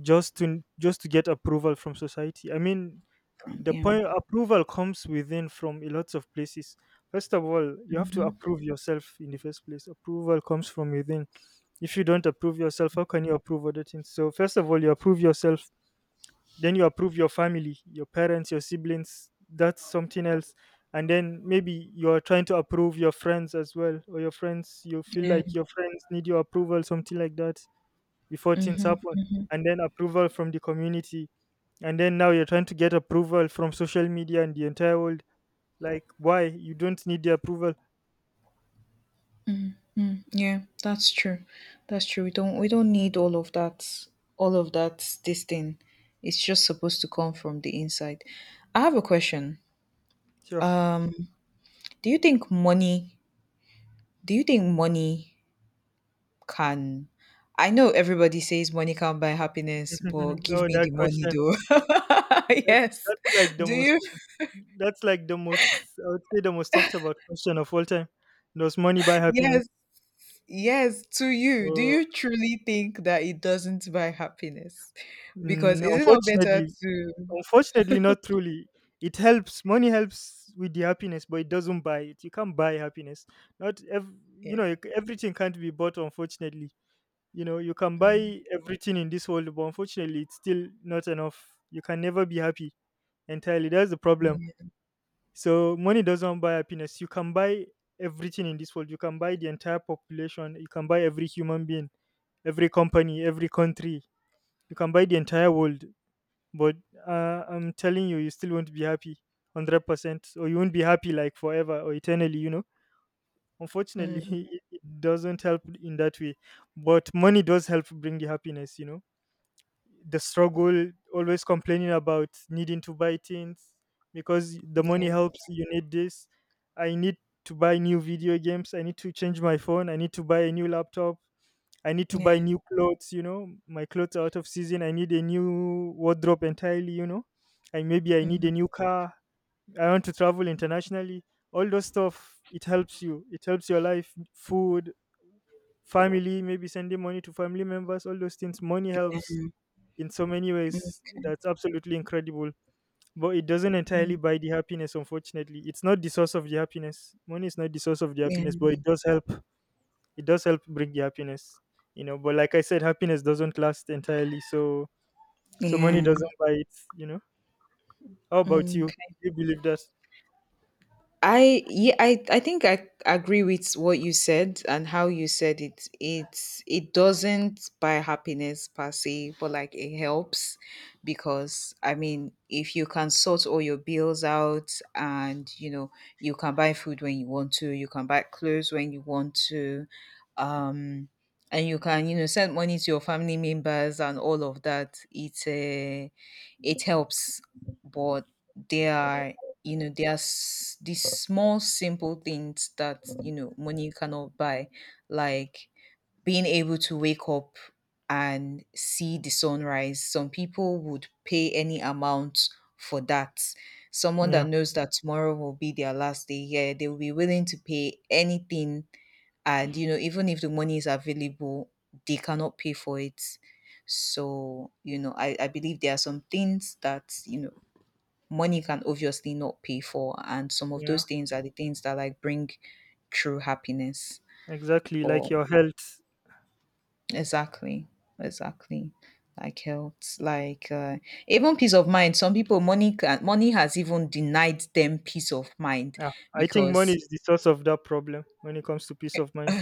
Speaker 2: just to get approval from society. I mean, the
Speaker 1: yeah.
Speaker 2: point approval comes within from a lot of places. First of all, you have to
Speaker 1: Mhm.
Speaker 2: approve yourself in the first place. Approval comes from within. If you don't approve yourself, how can you approve other things? So first of all, you approve yourself, then you approve your family, your parents, your siblings, that's something else. And then maybe you are trying to approve your friends as well, or your friends, you feel
Speaker 1: Yeah.
Speaker 2: like your friends need your approval, something like that, before things
Speaker 1: Mhm.
Speaker 2: happen. And then approval from the community, and then now you're trying to get approval from social media and the entire world. Like, why? You don't need the approval.
Speaker 1: Mm, yeah, that's true. That's true. We don't need all of that this thing. It's just supposed to come from the inside. I have a question.
Speaker 2: Sure.
Speaker 1: Um do you think money do you think money can I know everybody says money can't buy happiness, but give
Speaker 2: Oh,
Speaker 1: me
Speaker 2: that
Speaker 1: the money
Speaker 2: question,
Speaker 1: though.
Speaker 2: that,
Speaker 1: Yes.
Speaker 2: that's like the
Speaker 1: Do
Speaker 2: most,
Speaker 1: you
Speaker 2: that's like the most I would say the most talked about question of all time. Does money buy happiness?
Speaker 1: Yes, yes, to you. Do
Speaker 2: Oh,
Speaker 1: you truly think that it doesn't buy happiness? Because
Speaker 2: mm,
Speaker 1: is it not better
Speaker 2: unfortunately,
Speaker 1: to.
Speaker 2: not truly. It helps. Money helps with the happiness, but it doesn't buy it. You can't buy happiness. Not ev- you
Speaker 1: Yeah.
Speaker 2: know, everything can't be bought. Unfortunately, you know, you can
Speaker 1: Mm.
Speaker 2: buy everything in this world, but unfortunately, it's still not enough. You can never be happy entirely. That's the problem.
Speaker 1: Yeah.
Speaker 2: So money doesn't buy happiness. You can buy everything in this world. You can buy the entire population. You can buy every human being, every company, every country. You can buy the entire world, but I'm telling you, you still won't be happy 100%, or you won't be happy like forever or eternally, you know.
Speaker 1: Mm.
Speaker 2: Unfortunately, it doesn't help in that way. But money does help bring the happiness, you know. The struggle, always complaining about needing to buy things, because the money
Speaker 1: Yeah.
Speaker 2: helps. You need this, I need to buy new video games, I need to change my phone, I need to buy a new laptop, I need to buy
Speaker 1: Yeah.
Speaker 2: new clothes, you know. My clothes are out of season. I need a new wardrobe entirely, you know. I, maybe I need a
Speaker 1: Mm.
Speaker 2: new car. I want to travel internationally. All those stuff, it helps you. It helps your life, food, family, maybe sending money to family members, all those things. Money helps in so many ways. That's absolutely incredible. But it doesn't entirely
Speaker 1: Mhm.
Speaker 2: buy the happiness, unfortunately. It's not the source of the happiness. Money is not the source of the
Speaker 1: Yeah.
Speaker 2: happiness, but it does help, bring you happiness, you know. But like I said, happiness doesn't last entirely, so money
Speaker 1: Yeah.
Speaker 2: doesn't buy it, you know. How about
Speaker 1: Mm.
Speaker 2: you? Do you believe that?
Speaker 1: I yeah I think I agree with what you said and how you said it. It doesn't buy happiness per se, but like it helps because I mean if you can sort all your bills out, and you can buy food when you want to, you can buy clothes when you want to, um, and you can send money to your family members and all of that. It helps, but there are you know there's these small simple things that money cannot buy, like being able to wake up and see the sunrise. Some people would pay any amount for that. Someone
Speaker 2: Yeah,
Speaker 1: that knows that tomorrow will be their last day here, they will be willing to pay anything. And even if the money is available, they cannot pay for it. So, I believe there are some things that money can obviously not pay for. And some of
Speaker 2: yeah,
Speaker 1: those things are the things that like bring true happiness.
Speaker 2: exactly, like
Speaker 1: But
Speaker 2: your health.
Speaker 1: exactly, exactly. Like health, like even peace of mind. Some people money has even denied them peace of mind
Speaker 2: Yeah, I think money
Speaker 1: because.
Speaker 2: is the source of that problem when it comes to peace of mind.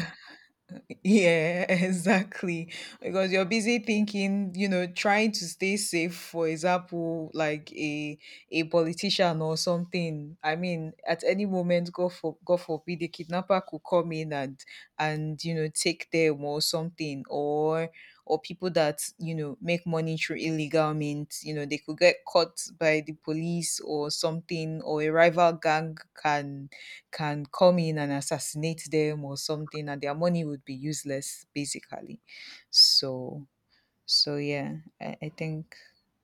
Speaker 1: Yeah, exactly. Because you're busy thinking, trying to stay safe, for example, like a politician or something. I mean, at any moment, God forbid the kidnapper could come in and take them or something, or people that, make money through illegal means, they could get caught by the police or something, or a rival gang can come in and assassinate them or something, and their money would be useless basically. So so yeah, I think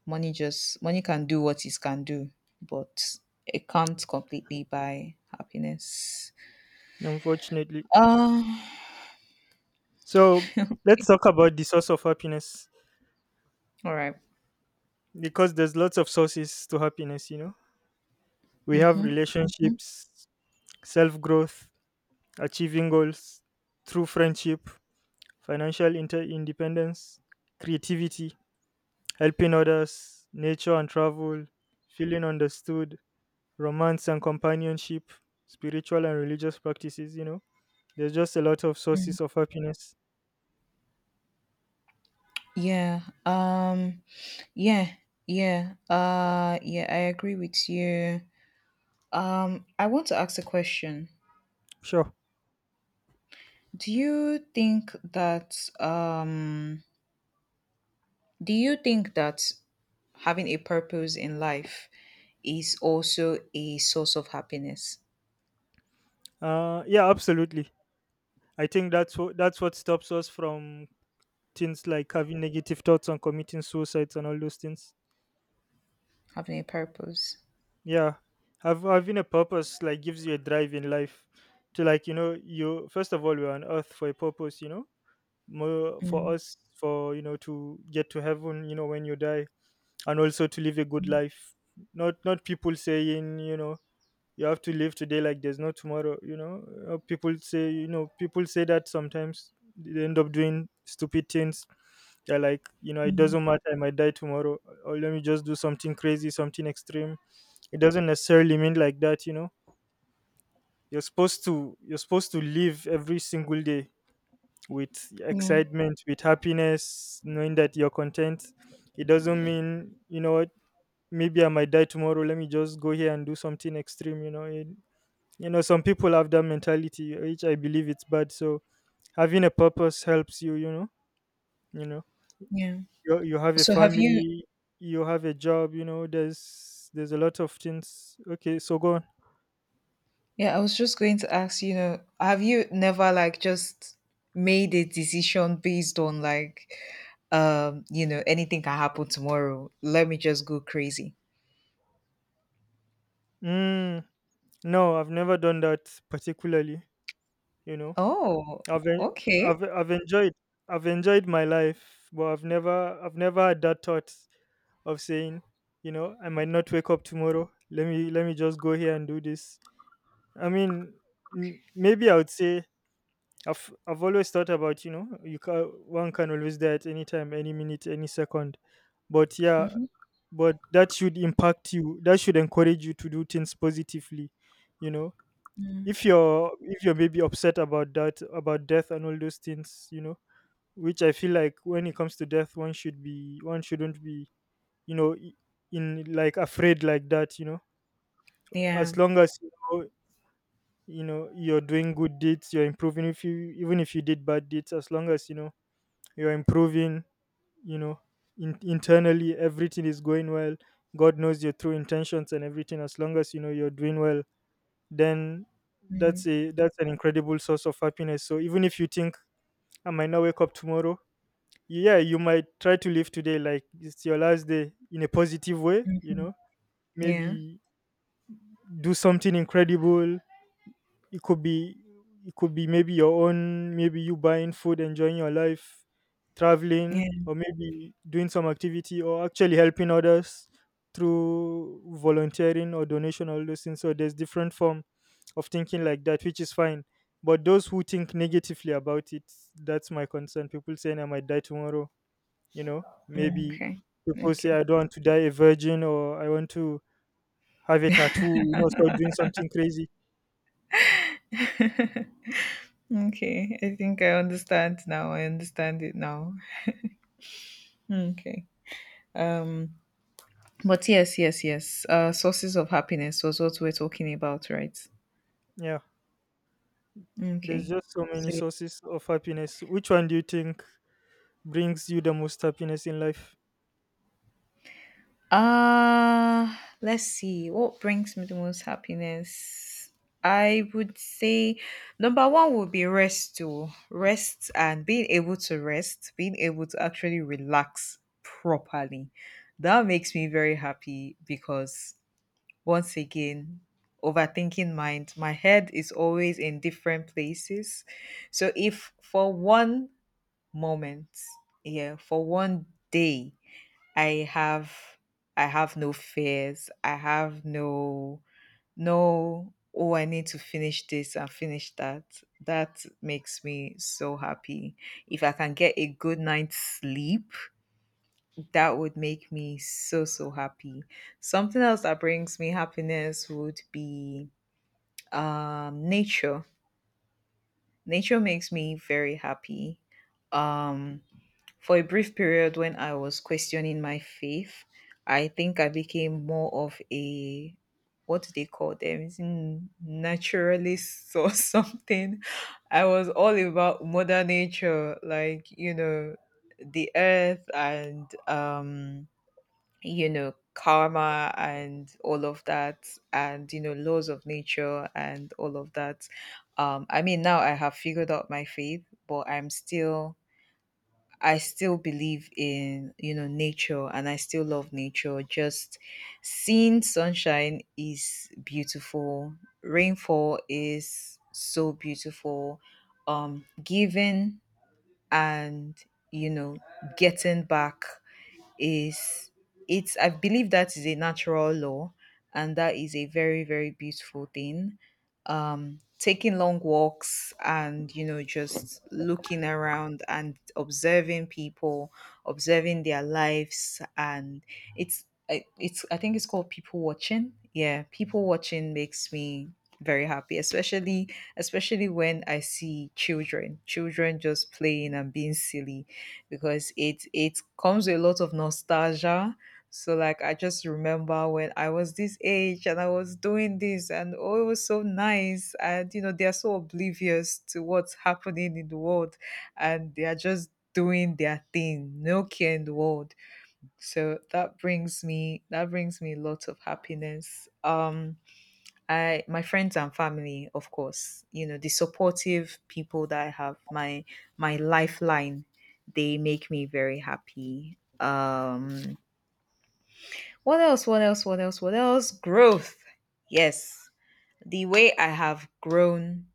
Speaker 1: money can do what it can do, but it can't completely buy happiness.
Speaker 2: Unfortunately.
Speaker 1: um
Speaker 2: So let's
Speaker 1: okay.
Speaker 2: talk about the source of happiness,
Speaker 1: All right.
Speaker 2: because there's lots of sources to happiness, you know. We have
Speaker 1: Mm-hmm.
Speaker 2: relationships, self growth, achieving goals, true friendship, financial independence, creativity, helping others, nature and travel, feeling understood, romance and companionship, spiritual and religious practices, you know. There's just a lot of
Speaker 1: Mm.
Speaker 2: sources of happiness.
Speaker 1: Yeah. Um yeah. Yeah. Yeah, I agree with you. I want to ask a question.
Speaker 2: Sure.
Speaker 1: Do you think that do you think that having a purpose in life is also a source of happiness?
Speaker 2: Yeah, absolutely. I think that's what, stops us from things like having negative thoughts and committing suicides and all those things.
Speaker 1: Having a purpose.
Speaker 2: Yeah, having a purpose like gives you a drive in life to, like, you know, you, first of all, we're on earth for a purpose, you know, more for
Speaker 1: Mm,
Speaker 2: us, for, you know, to get to heaven, you know, when you die, and also to live a good
Speaker 1: mm,
Speaker 2: life. Not people saying, you know, you have to live today like there's no tomorrow, you know. People say that sometimes they end up doing stupid things. They're like, you know, it
Speaker 1: mm.
Speaker 2: doesn't matter, I might die tomorrow, or let me just do something crazy, something extreme. It doesn't necessarily mean like that, you know. You're supposed to, live every single day with
Speaker 1: Yeah,
Speaker 2: excitement, with happiness, knowing that you're content. It doesn't mean, you know what, maybe I might die tomorrow, let me just go here and do something extreme, you know. It, you know, some people have that mentality, which I believe it's bad. So having a purpose helps you, you know, you know.
Speaker 1: yeah.
Speaker 2: You have a
Speaker 1: So have you?
Speaker 2: family, you have a job, you know, there's a lot of things. Okay, so go on.
Speaker 1: Yeah, I was just going to ask. Have you never like just made a decision based on like, anything can happen tomorrow. Let me just go crazy.
Speaker 2: Mm, no, I've never done that particularly, you know.
Speaker 1: Oh,
Speaker 2: I've en-
Speaker 1: okay.
Speaker 2: I've enjoyed my life, but I've never, had that thought of saying, you know, I might not wake up tomorrow, let me, just go here and do this. I mean, maybe I would say I've always thought about, you know, you can, one can always die at any time, any minute, any second. But yeah,
Speaker 1: Hmm.
Speaker 2: but that should impact you. That should encourage you to do things positively. You know, if you're maybe upset about that, about death and all those things, you know, which I feel like when it comes to death, one shouldn't be, you know i- in like afraid like that. You know,
Speaker 1: Yeah.
Speaker 2: as long as you know, you know, you're doing good deeds, you're improving. If you even if you did bad deeds, as long as you know you're improving, you know, internally everything is going well. God knows your true intentions and everything. As long as you know you're doing well, then
Speaker 1: Mm,
Speaker 2: that's a that's an incredible source of happiness. So even if you think I might not wake up tomorrow, yeah, you might try to live today like it's your last day in a positive way, you
Speaker 1: mhm.
Speaker 2: know.
Speaker 1: Yeah.
Speaker 2: Maybe do something incredible. It could be, it could be, maybe your own, maybe you buying food, enjoying your life, traveling,
Speaker 1: Yeah.
Speaker 2: or maybe doing some activity, or actually helping others through volunteering or donation, all those things. So there's different form of thinking like that, which is fine. But those who think negatively about it, that's my concern. People saying I might die tomorrow, you know,
Speaker 1: Mm,
Speaker 2: maybe
Speaker 1: okay.
Speaker 2: people say
Speaker 1: Okay.
Speaker 2: I don't want to die a virgin, or I want to have a tattoo, you know, start doing something crazy.
Speaker 1: Okay. I think I understand now. I understand it now. Okay. Um. But yes, yes, yes. Sources of happiness was what we're talking about, right?
Speaker 2: Yeah, there's
Speaker 1: Okay.
Speaker 2: just so many
Speaker 1: So
Speaker 2: sources of happiness. Which one do you think brings you the most happiness in life?
Speaker 1: Let's see. What brings me the most happiness? I would say number one would be rest too. Rest and being able to rest, being able to actually relax properly. That makes me very happy because once again, overthinking mind, my head is always in different places. So if for one moment, yeah, for one day I have I have no fears. I have no. No. Oh, I need to finish this and finish that. That makes me so happy. If I can get a good night's sleep, that would make me so so happy. Something else that brings me happiness would be nature. Nature makes me very happy. Um For a brief period when I was questioning my faith, I think I became more of a, what do they call them? Is it naturalist or something? I was all about mother nature, like, the earth and, karma and all of that, and laws of nature and all of that. I mean now I have figured out my faith, but I still believe in, nature, and I still love nature. Just seeing sunshine is beautiful. Rainfall is so beautiful. Giving and, you know, getting back is it's I believe that is a natural law, and that is a very, very beautiful thing. Taking long walks and just looking around and observing people, observing their lives, and it's I- it's I think it's called people watching. Yeah, people watching makes me very happy, especially when I see children just playing and being silly, because it comes with a lot of nostalgia. So like I just remember when I was this age and I was doing this, and oh it was so nice, and they are so oblivious to what's happening in the world, and they are just doing their thing, no care in the world. So that brings me lots of happiness. I my friends and family, of course, the supportive people that I have, my lifeline, they make me very happy. What else? What else? What else? What else? Growth. Yes. The way I have grown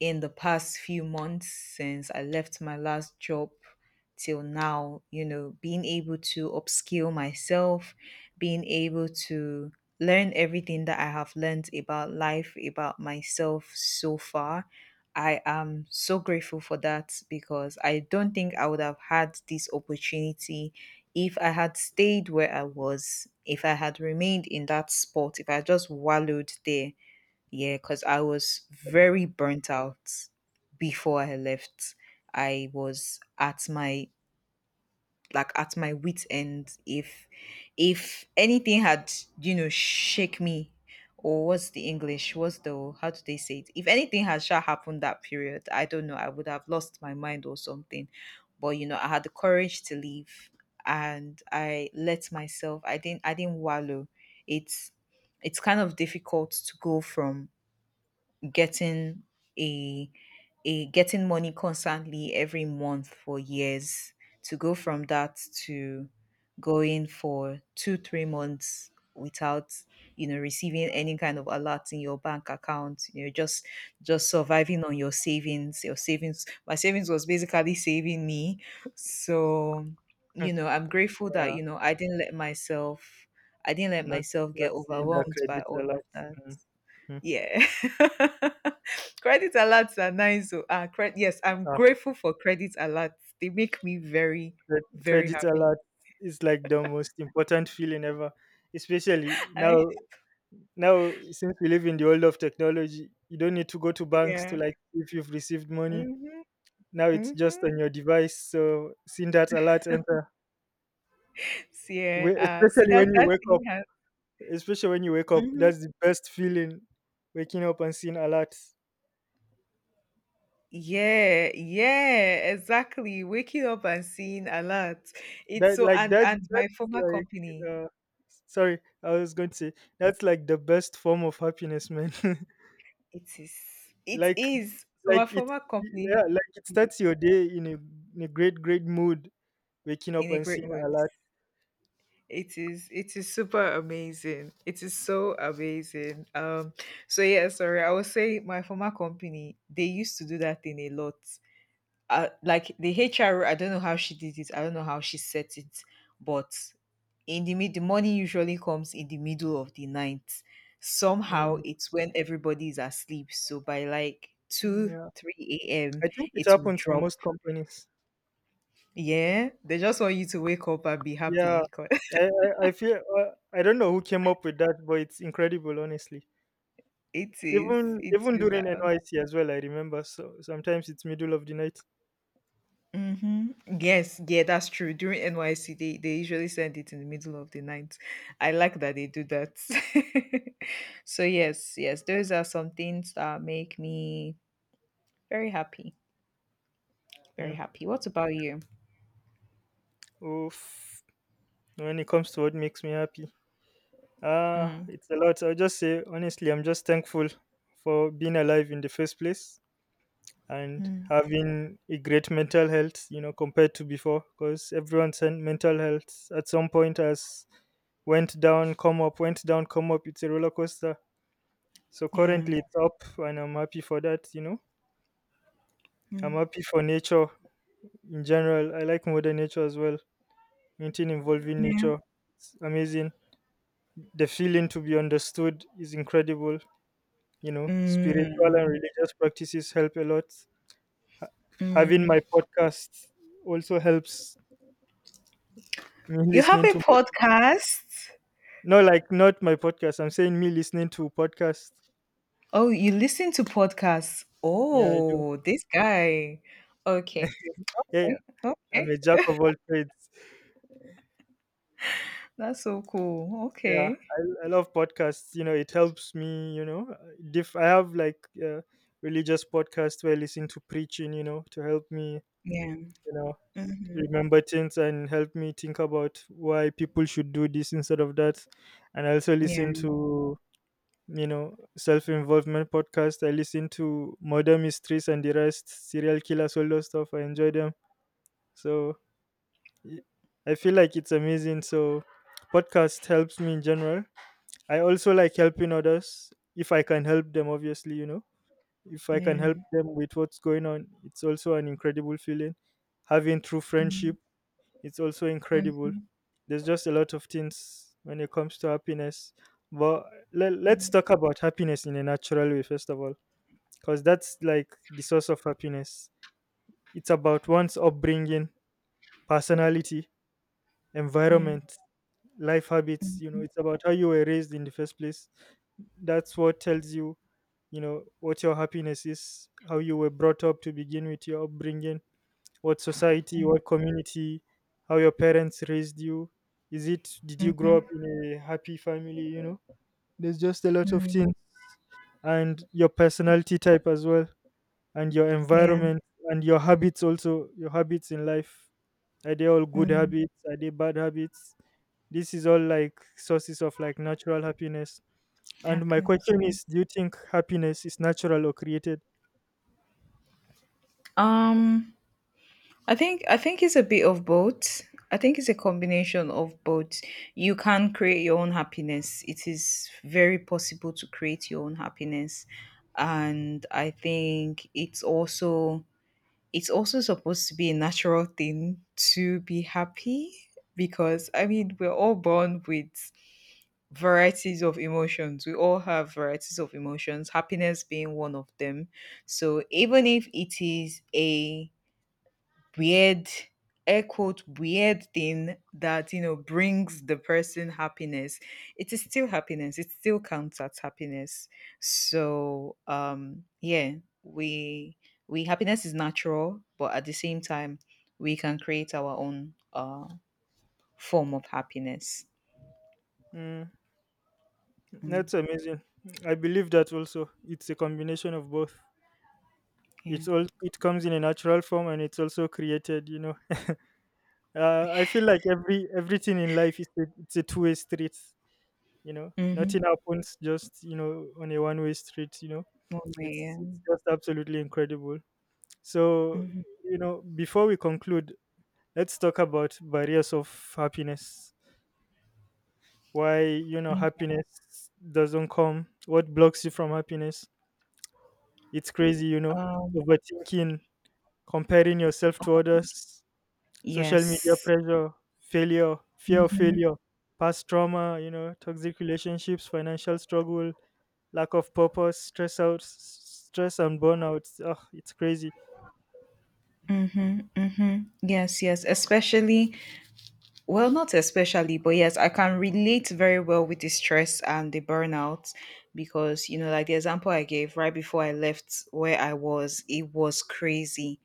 Speaker 1: in the past few months since I left my last job till now, being able to upskill myself, being able to learn everything that I have learned about life, about myself so far. I am so grateful for that because I don't think I would have had this opportunity if I had stayed where I was, if I had remained in that spot, if I just wallowed there. Yeah, because I was very burnt out before I left. I was at my like at my wit's end. If anything had shake me, or what's the English? What's the How do they say it? If anything had shall happened that period, I don't know. I would have lost my mind or something. But you know, I had the courage to leave, and I let myself. I didn't. I didn't wallow. It's it's kind of difficult to go from getting a a getting money constantly every month for years, to go from that to going for 2 or 3 months without receiving any kind of alert in your bank account, just surviving on your savings. My savings was basically saving me. So,
Speaker 2: Hmm.
Speaker 1: I'm grateful that
Speaker 2: Yeah,
Speaker 1: I didn't let
Speaker 2: not,
Speaker 1: myself get
Speaker 2: not seeing the
Speaker 1: overwhelmed by
Speaker 2: credit
Speaker 1: all of
Speaker 2: alert.
Speaker 1: that.
Speaker 2: Mm. Hmm.
Speaker 1: Yeah. Credit alerts are nice. So, yes, I'm
Speaker 2: Ah,
Speaker 1: grateful for credit alerts. They make me very, very
Speaker 2: credit
Speaker 1: happy.
Speaker 2: alert is like the most important feeling ever, especially now.
Speaker 1: I
Speaker 2: Now, since we live in the world of technology, you don't need to go to banks to
Speaker 1: yeah.
Speaker 2: like if you've received money.
Speaker 1: Mm-hmm.
Speaker 2: Now it's just
Speaker 1: Mm-hmm.
Speaker 2: on your device. So seeing that alert enter,
Speaker 1: See, yeah. See
Speaker 2: especially
Speaker 1: that
Speaker 2: when you wake up,
Speaker 1: thing has.
Speaker 2: especially when you wake up,
Speaker 1: Mhm.
Speaker 2: that's the best feeling. Waking up and seeing alerts.
Speaker 1: Yeah, yeah, exactly. Waking up and seeing a lot. It's
Speaker 2: That
Speaker 1: so
Speaker 2: like
Speaker 1: and
Speaker 2: that
Speaker 1: and my
Speaker 2: that's
Speaker 1: former
Speaker 2: like,
Speaker 1: company,
Speaker 2: uh, sorry, I was going to say that's like the best form of happiness, man.
Speaker 1: it is, it
Speaker 2: like
Speaker 1: is. So my
Speaker 2: like it
Speaker 1: former
Speaker 2: yeah,
Speaker 1: company,
Speaker 2: like it
Speaker 1: they-
Speaker 2: starts your day in a, in a great, great mood. Waking up
Speaker 1: in a
Speaker 2: and
Speaker 1: great
Speaker 2: seeing
Speaker 1: mood.
Speaker 2: alerts.
Speaker 1: It is super amazing. It is so amazing. So yeah, sorry. I was saying my former company, they used to do that thing a lot. Like the HR, I don't know how she did it. I don't know how she set it, but in the morning usually comes in the middle of the night. Somehow
Speaker 2: Hmm.
Speaker 1: it's when everybody is asleep. So by like
Speaker 2: Mm.
Speaker 1: 2
Speaker 2: Yeah,
Speaker 1: 3 a.m.
Speaker 2: I think it
Speaker 1: it will
Speaker 2: happens in
Speaker 1: drop.
Speaker 2: most companies.
Speaker 1: Yeah. They just want you to wake up and be
Speaker 2: Yeah,
Speaker 1: happy.
Speaker 2: I I feel, I don't know who came up with that, but it's incredible, honestly.
Speaker 1: It is.
Speaker 2: Even
Speaker 1: It
Speaker 2: even
Speaker 1: is.
Speaker 2: during NYC as well, I remember. So sometimes it's middle of the night.
Speaker 1: Mhm. Yes, yeah, that's true. During NYC, they usually send it in the middle of the night. I like that they do that. So yes, yes, those are some things that make me very happy. Very
Speaker 2: Mm.
Speaker 1: happy. What about you?
Speaker 2: Oof. When it comes to what makes me happy, ah,
Speaker 1: Mm.
Speaker 2: it's a lot. I'll just say honestly, I'm just thankful for being alive in the first place, and
Speaker 1: Mm.
Speaker 2: having a great mental health, you know, compared to before, because everyone's mental health at some point has went down, come up, went down, come up. It's a roller coaster. So
Speaker 1: Yeah.
Speaker 2: currently it's up, and I'm happy for that. You know, I'm
Speaker 1: Mm.
Speaker 2: happy for nature in general. I like modern nature as well. Anything involving
Speaker 1: Yeah.
Speaker 2: nature, it's amazing. The feeling to be understood is incredible. You know, spiritual and
Speaker 1: Mm.
Speaker 2: religious practices help a lot. Ha- Having
Speaker 1: Mm.
Speaker 2: my podcast also helps. Me
Speaker 1: You have
Speaker 2: listening
Speaker 1: a
Speaker 2: to...
Speaker 1: podcast?
Speaker 2: No, like not my podcast. I'm saying me listening to podcast.
Speaker 1: Oh, you listen to podcasts.
Speaker 2: Yeah, I do.
Speaker 1: Oh, this guy. Okay.
Speaker 2: Yeah, yeah.
Speaker 1: Okay.
Speaker 2: I'm a
Speaker 1: Okay.
Speaker 2: jack of all trades.
Speaker 1: That's so cool.
Speaker 2: Yeah,
Speaker 1: Okay.
Speaker 2: I love podcasts. You know, it helps me. You know, diff. I have like religious podcasts where I listen to preaching. You know, to help me.
Speaker 1: Yeah.
Speaker 2: You know,
Speaker 1: Mhm.
Speaker 2: remember things and help me think about why people should do this instead of that. And I also
Speaker 1: Yeah,
Speaker 2: listen to, you know, self involvement podcast. I listen to Murder Mysteries and the rest, serial killers, all those stuff. I enjoy them. So y- I feel like it's amazing. So podcast helps me in general. I also like helping others if I can help them, obviously, you know. If I can help
Speaker 1: yeah.
Speaker 2: them with what's going on, it's also an incredible feeling. Having true
Speaker 1: Mm,
Speaker 2: friendship, it's also incredible.
Speaker 1: mhm.
Speaker 2: There's just a lot of things when it comes to happiness. But let's talk about happiness in a natural way, first of all, because that's like the source of happiness. It's about one's upbringing, personality,
Speaker 1: Yeah.
Speaker 2: environment, life habits. You know, it's about how you were raised in the first place. That's what tells you, you know, what your happiness is, how you were brought up to begin with, your upbringing, what society, what community, how your parents raised you. Is it, did you grow up
Speaker 1: Mhm.
Speaker 2: in a happy family, you know? There's just a lot of
Speaker 1: Mm,
Speaker 2: things, and your personality type as well, and your
Speaker 1: yeah.
Speaker 2: environment, and your habits also, your habits in life. Are they all good
Speaker 1: Mm.
Speaker 2: habits? Are they bad habits? This is all like sources of like natural happiness. And my
Speaker 1: Happiness.
Speaker 2: question
Speaker 1: Yeah.
Speaker 2: is, do you think happiness is natural or created?
Speaker 1: Um, I think it's a bit of both. I think it's a combination of both. You can create your own happiness. It is very possible to create your own happiness. And I think it's also supposed to be a natural thing to be happy because I mean we're all born with varieties of emotions. We all have varieties of emotions, happiness being one of them. So even if it is a weird, air quote, weird thing that, brings the person happiness, it is still happiness. It still counts as happiness. So, yeah, we, happiness is natural, but at the same time, we can create our own, form of happiness.
Speaker 2: Mm,
Speaker 1: Mm,
Speaker 2: that's amazing. I believe that also. It's a combination of both.
Speaker 1: yeah.
Speaker 2: It's all, it comes in a natural form and it's also created, you know. I feel like everything in life is a, it's a two-way street. You know, nothing happens just, you know, on a one-way street, you know. it's
Speaker 1: Mm-hmm.
Speaker 2: it's just absolutely incredible. So,
Speaker 1: Mhm.
Speaker 2: you know, before we conclude, let's talk about barriers of happiness. Why, you know,
Speaker 1: Okay.
Speaker 2: happiness doesn't come, what blocks you from happiness. It's crazy, you know.
Speaker 1: Um,
Speaker 2: Overthinking, comparing yourself to
Speaker 1: overthinking.
Speaker 2: others, social media
Speaker 1: Yes.
Speaker 2: pressure, failure, fear of
Speaker 1: Mhm.
Speaker 2: failure, past trauma, you know, toxic relationships, financial struggle, lack of purpose, stress out, stress and burnout. Oh, it's crazy.
Speaker 1: Mhm. Mhm. Yes, yes. Especially, well, not especially, but yes, I can relate very well with the stress and the burnout because, like the example I gave right before I left where I was, it was crazy.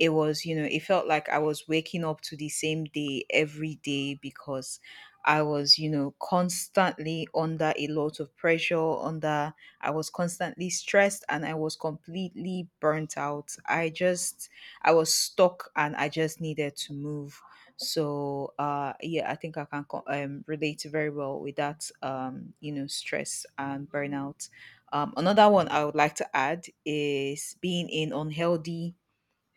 Speaker 1: It was It felt like I was waking up to the same day every day because I was constantly under a lot of pressure, under I was constantly stressed and I was completely burnt out. I was stuck and I just needed to move. So yeah, I think I can relate very well with that, stress and burnout. Another one I would like to add is being in unhealthy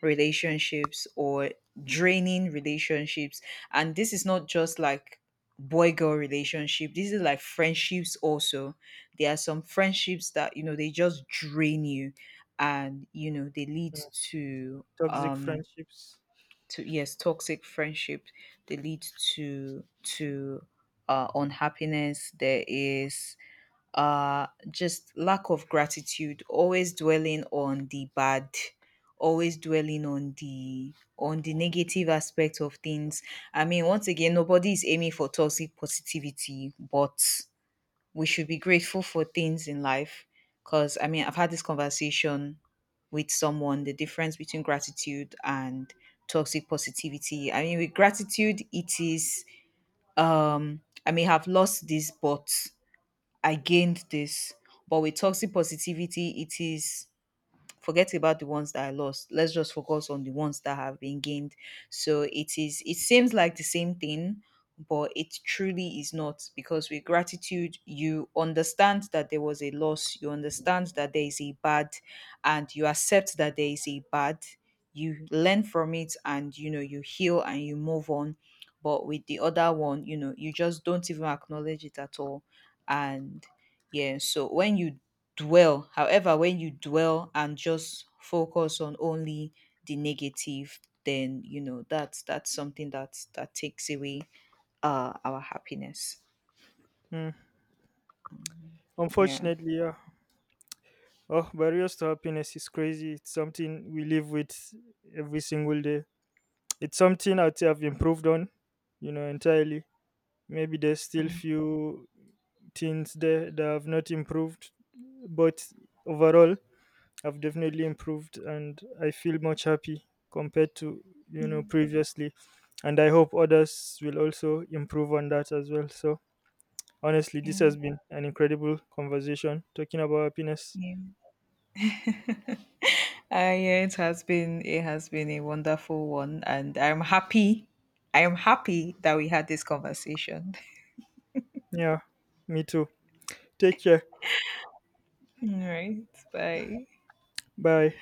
Speaker 1: relationships or draining relationships. And this is not just like boy girl relationship, this is like friendships also. There are some friendships that they just drain you, and they lead
Speaker 2: Mm.
Speaker 1: to
Speaker 2: Toxic friendships.
Speaker 1: yes, toxic friendships. They lead to unhappiness. There is just lack of gratitude, always dwelling on the bad, always dwelling on the negative aspect of things. I mean once again nobody is aiming for toxic positivity, but we should be grateful for things in life. Because I mean I've had this conversation with someone, the difference between gratitude and toxic positivity. I mean with gratitude it is, I may have lost this, but I gained this. But with toxic positivity, it is, forget about the ones that I lost. Let's just focus on the ones that have been gained. So it seems like the same thing, but it truly is not because with gratitude you understand that there was a loss, you understand that there is a bad, and you accept that there is a bad. You learn from it and you heal, and you move on. But with the other one, you just don't even acknowledge it at all. And yeah, so when you dwell. However, when you dwell and just focus on only the negative, then you know that's something that takes away our happiness.
Speaker 2: Mm.
Speaker 1: Yeah.
Speaker 2: Unfortunately, yeah. Oh, barriers to happiness is crazy. It's something we live with every single day. It's something I'd say I've improved on, you know, entirely. Maybe there's still few things there that I've not improved, but overall, I've definitely improved and I feel much happy compared to, you know, previously. And I hope others will also improve on that as well. So, honestly, this
Speaker 1: Yeah.
Speaker 2: has been an incredible conversation talking about happiness.
Speaker 1: Yeah. Uh, yeah, it has been a wonderful one, and I'm happy. I am happy that we had this conversation.
Speaker 2: Yeah, me too. Take care.
Speaker 1: All right. Bye.
Speaker 2: Bye.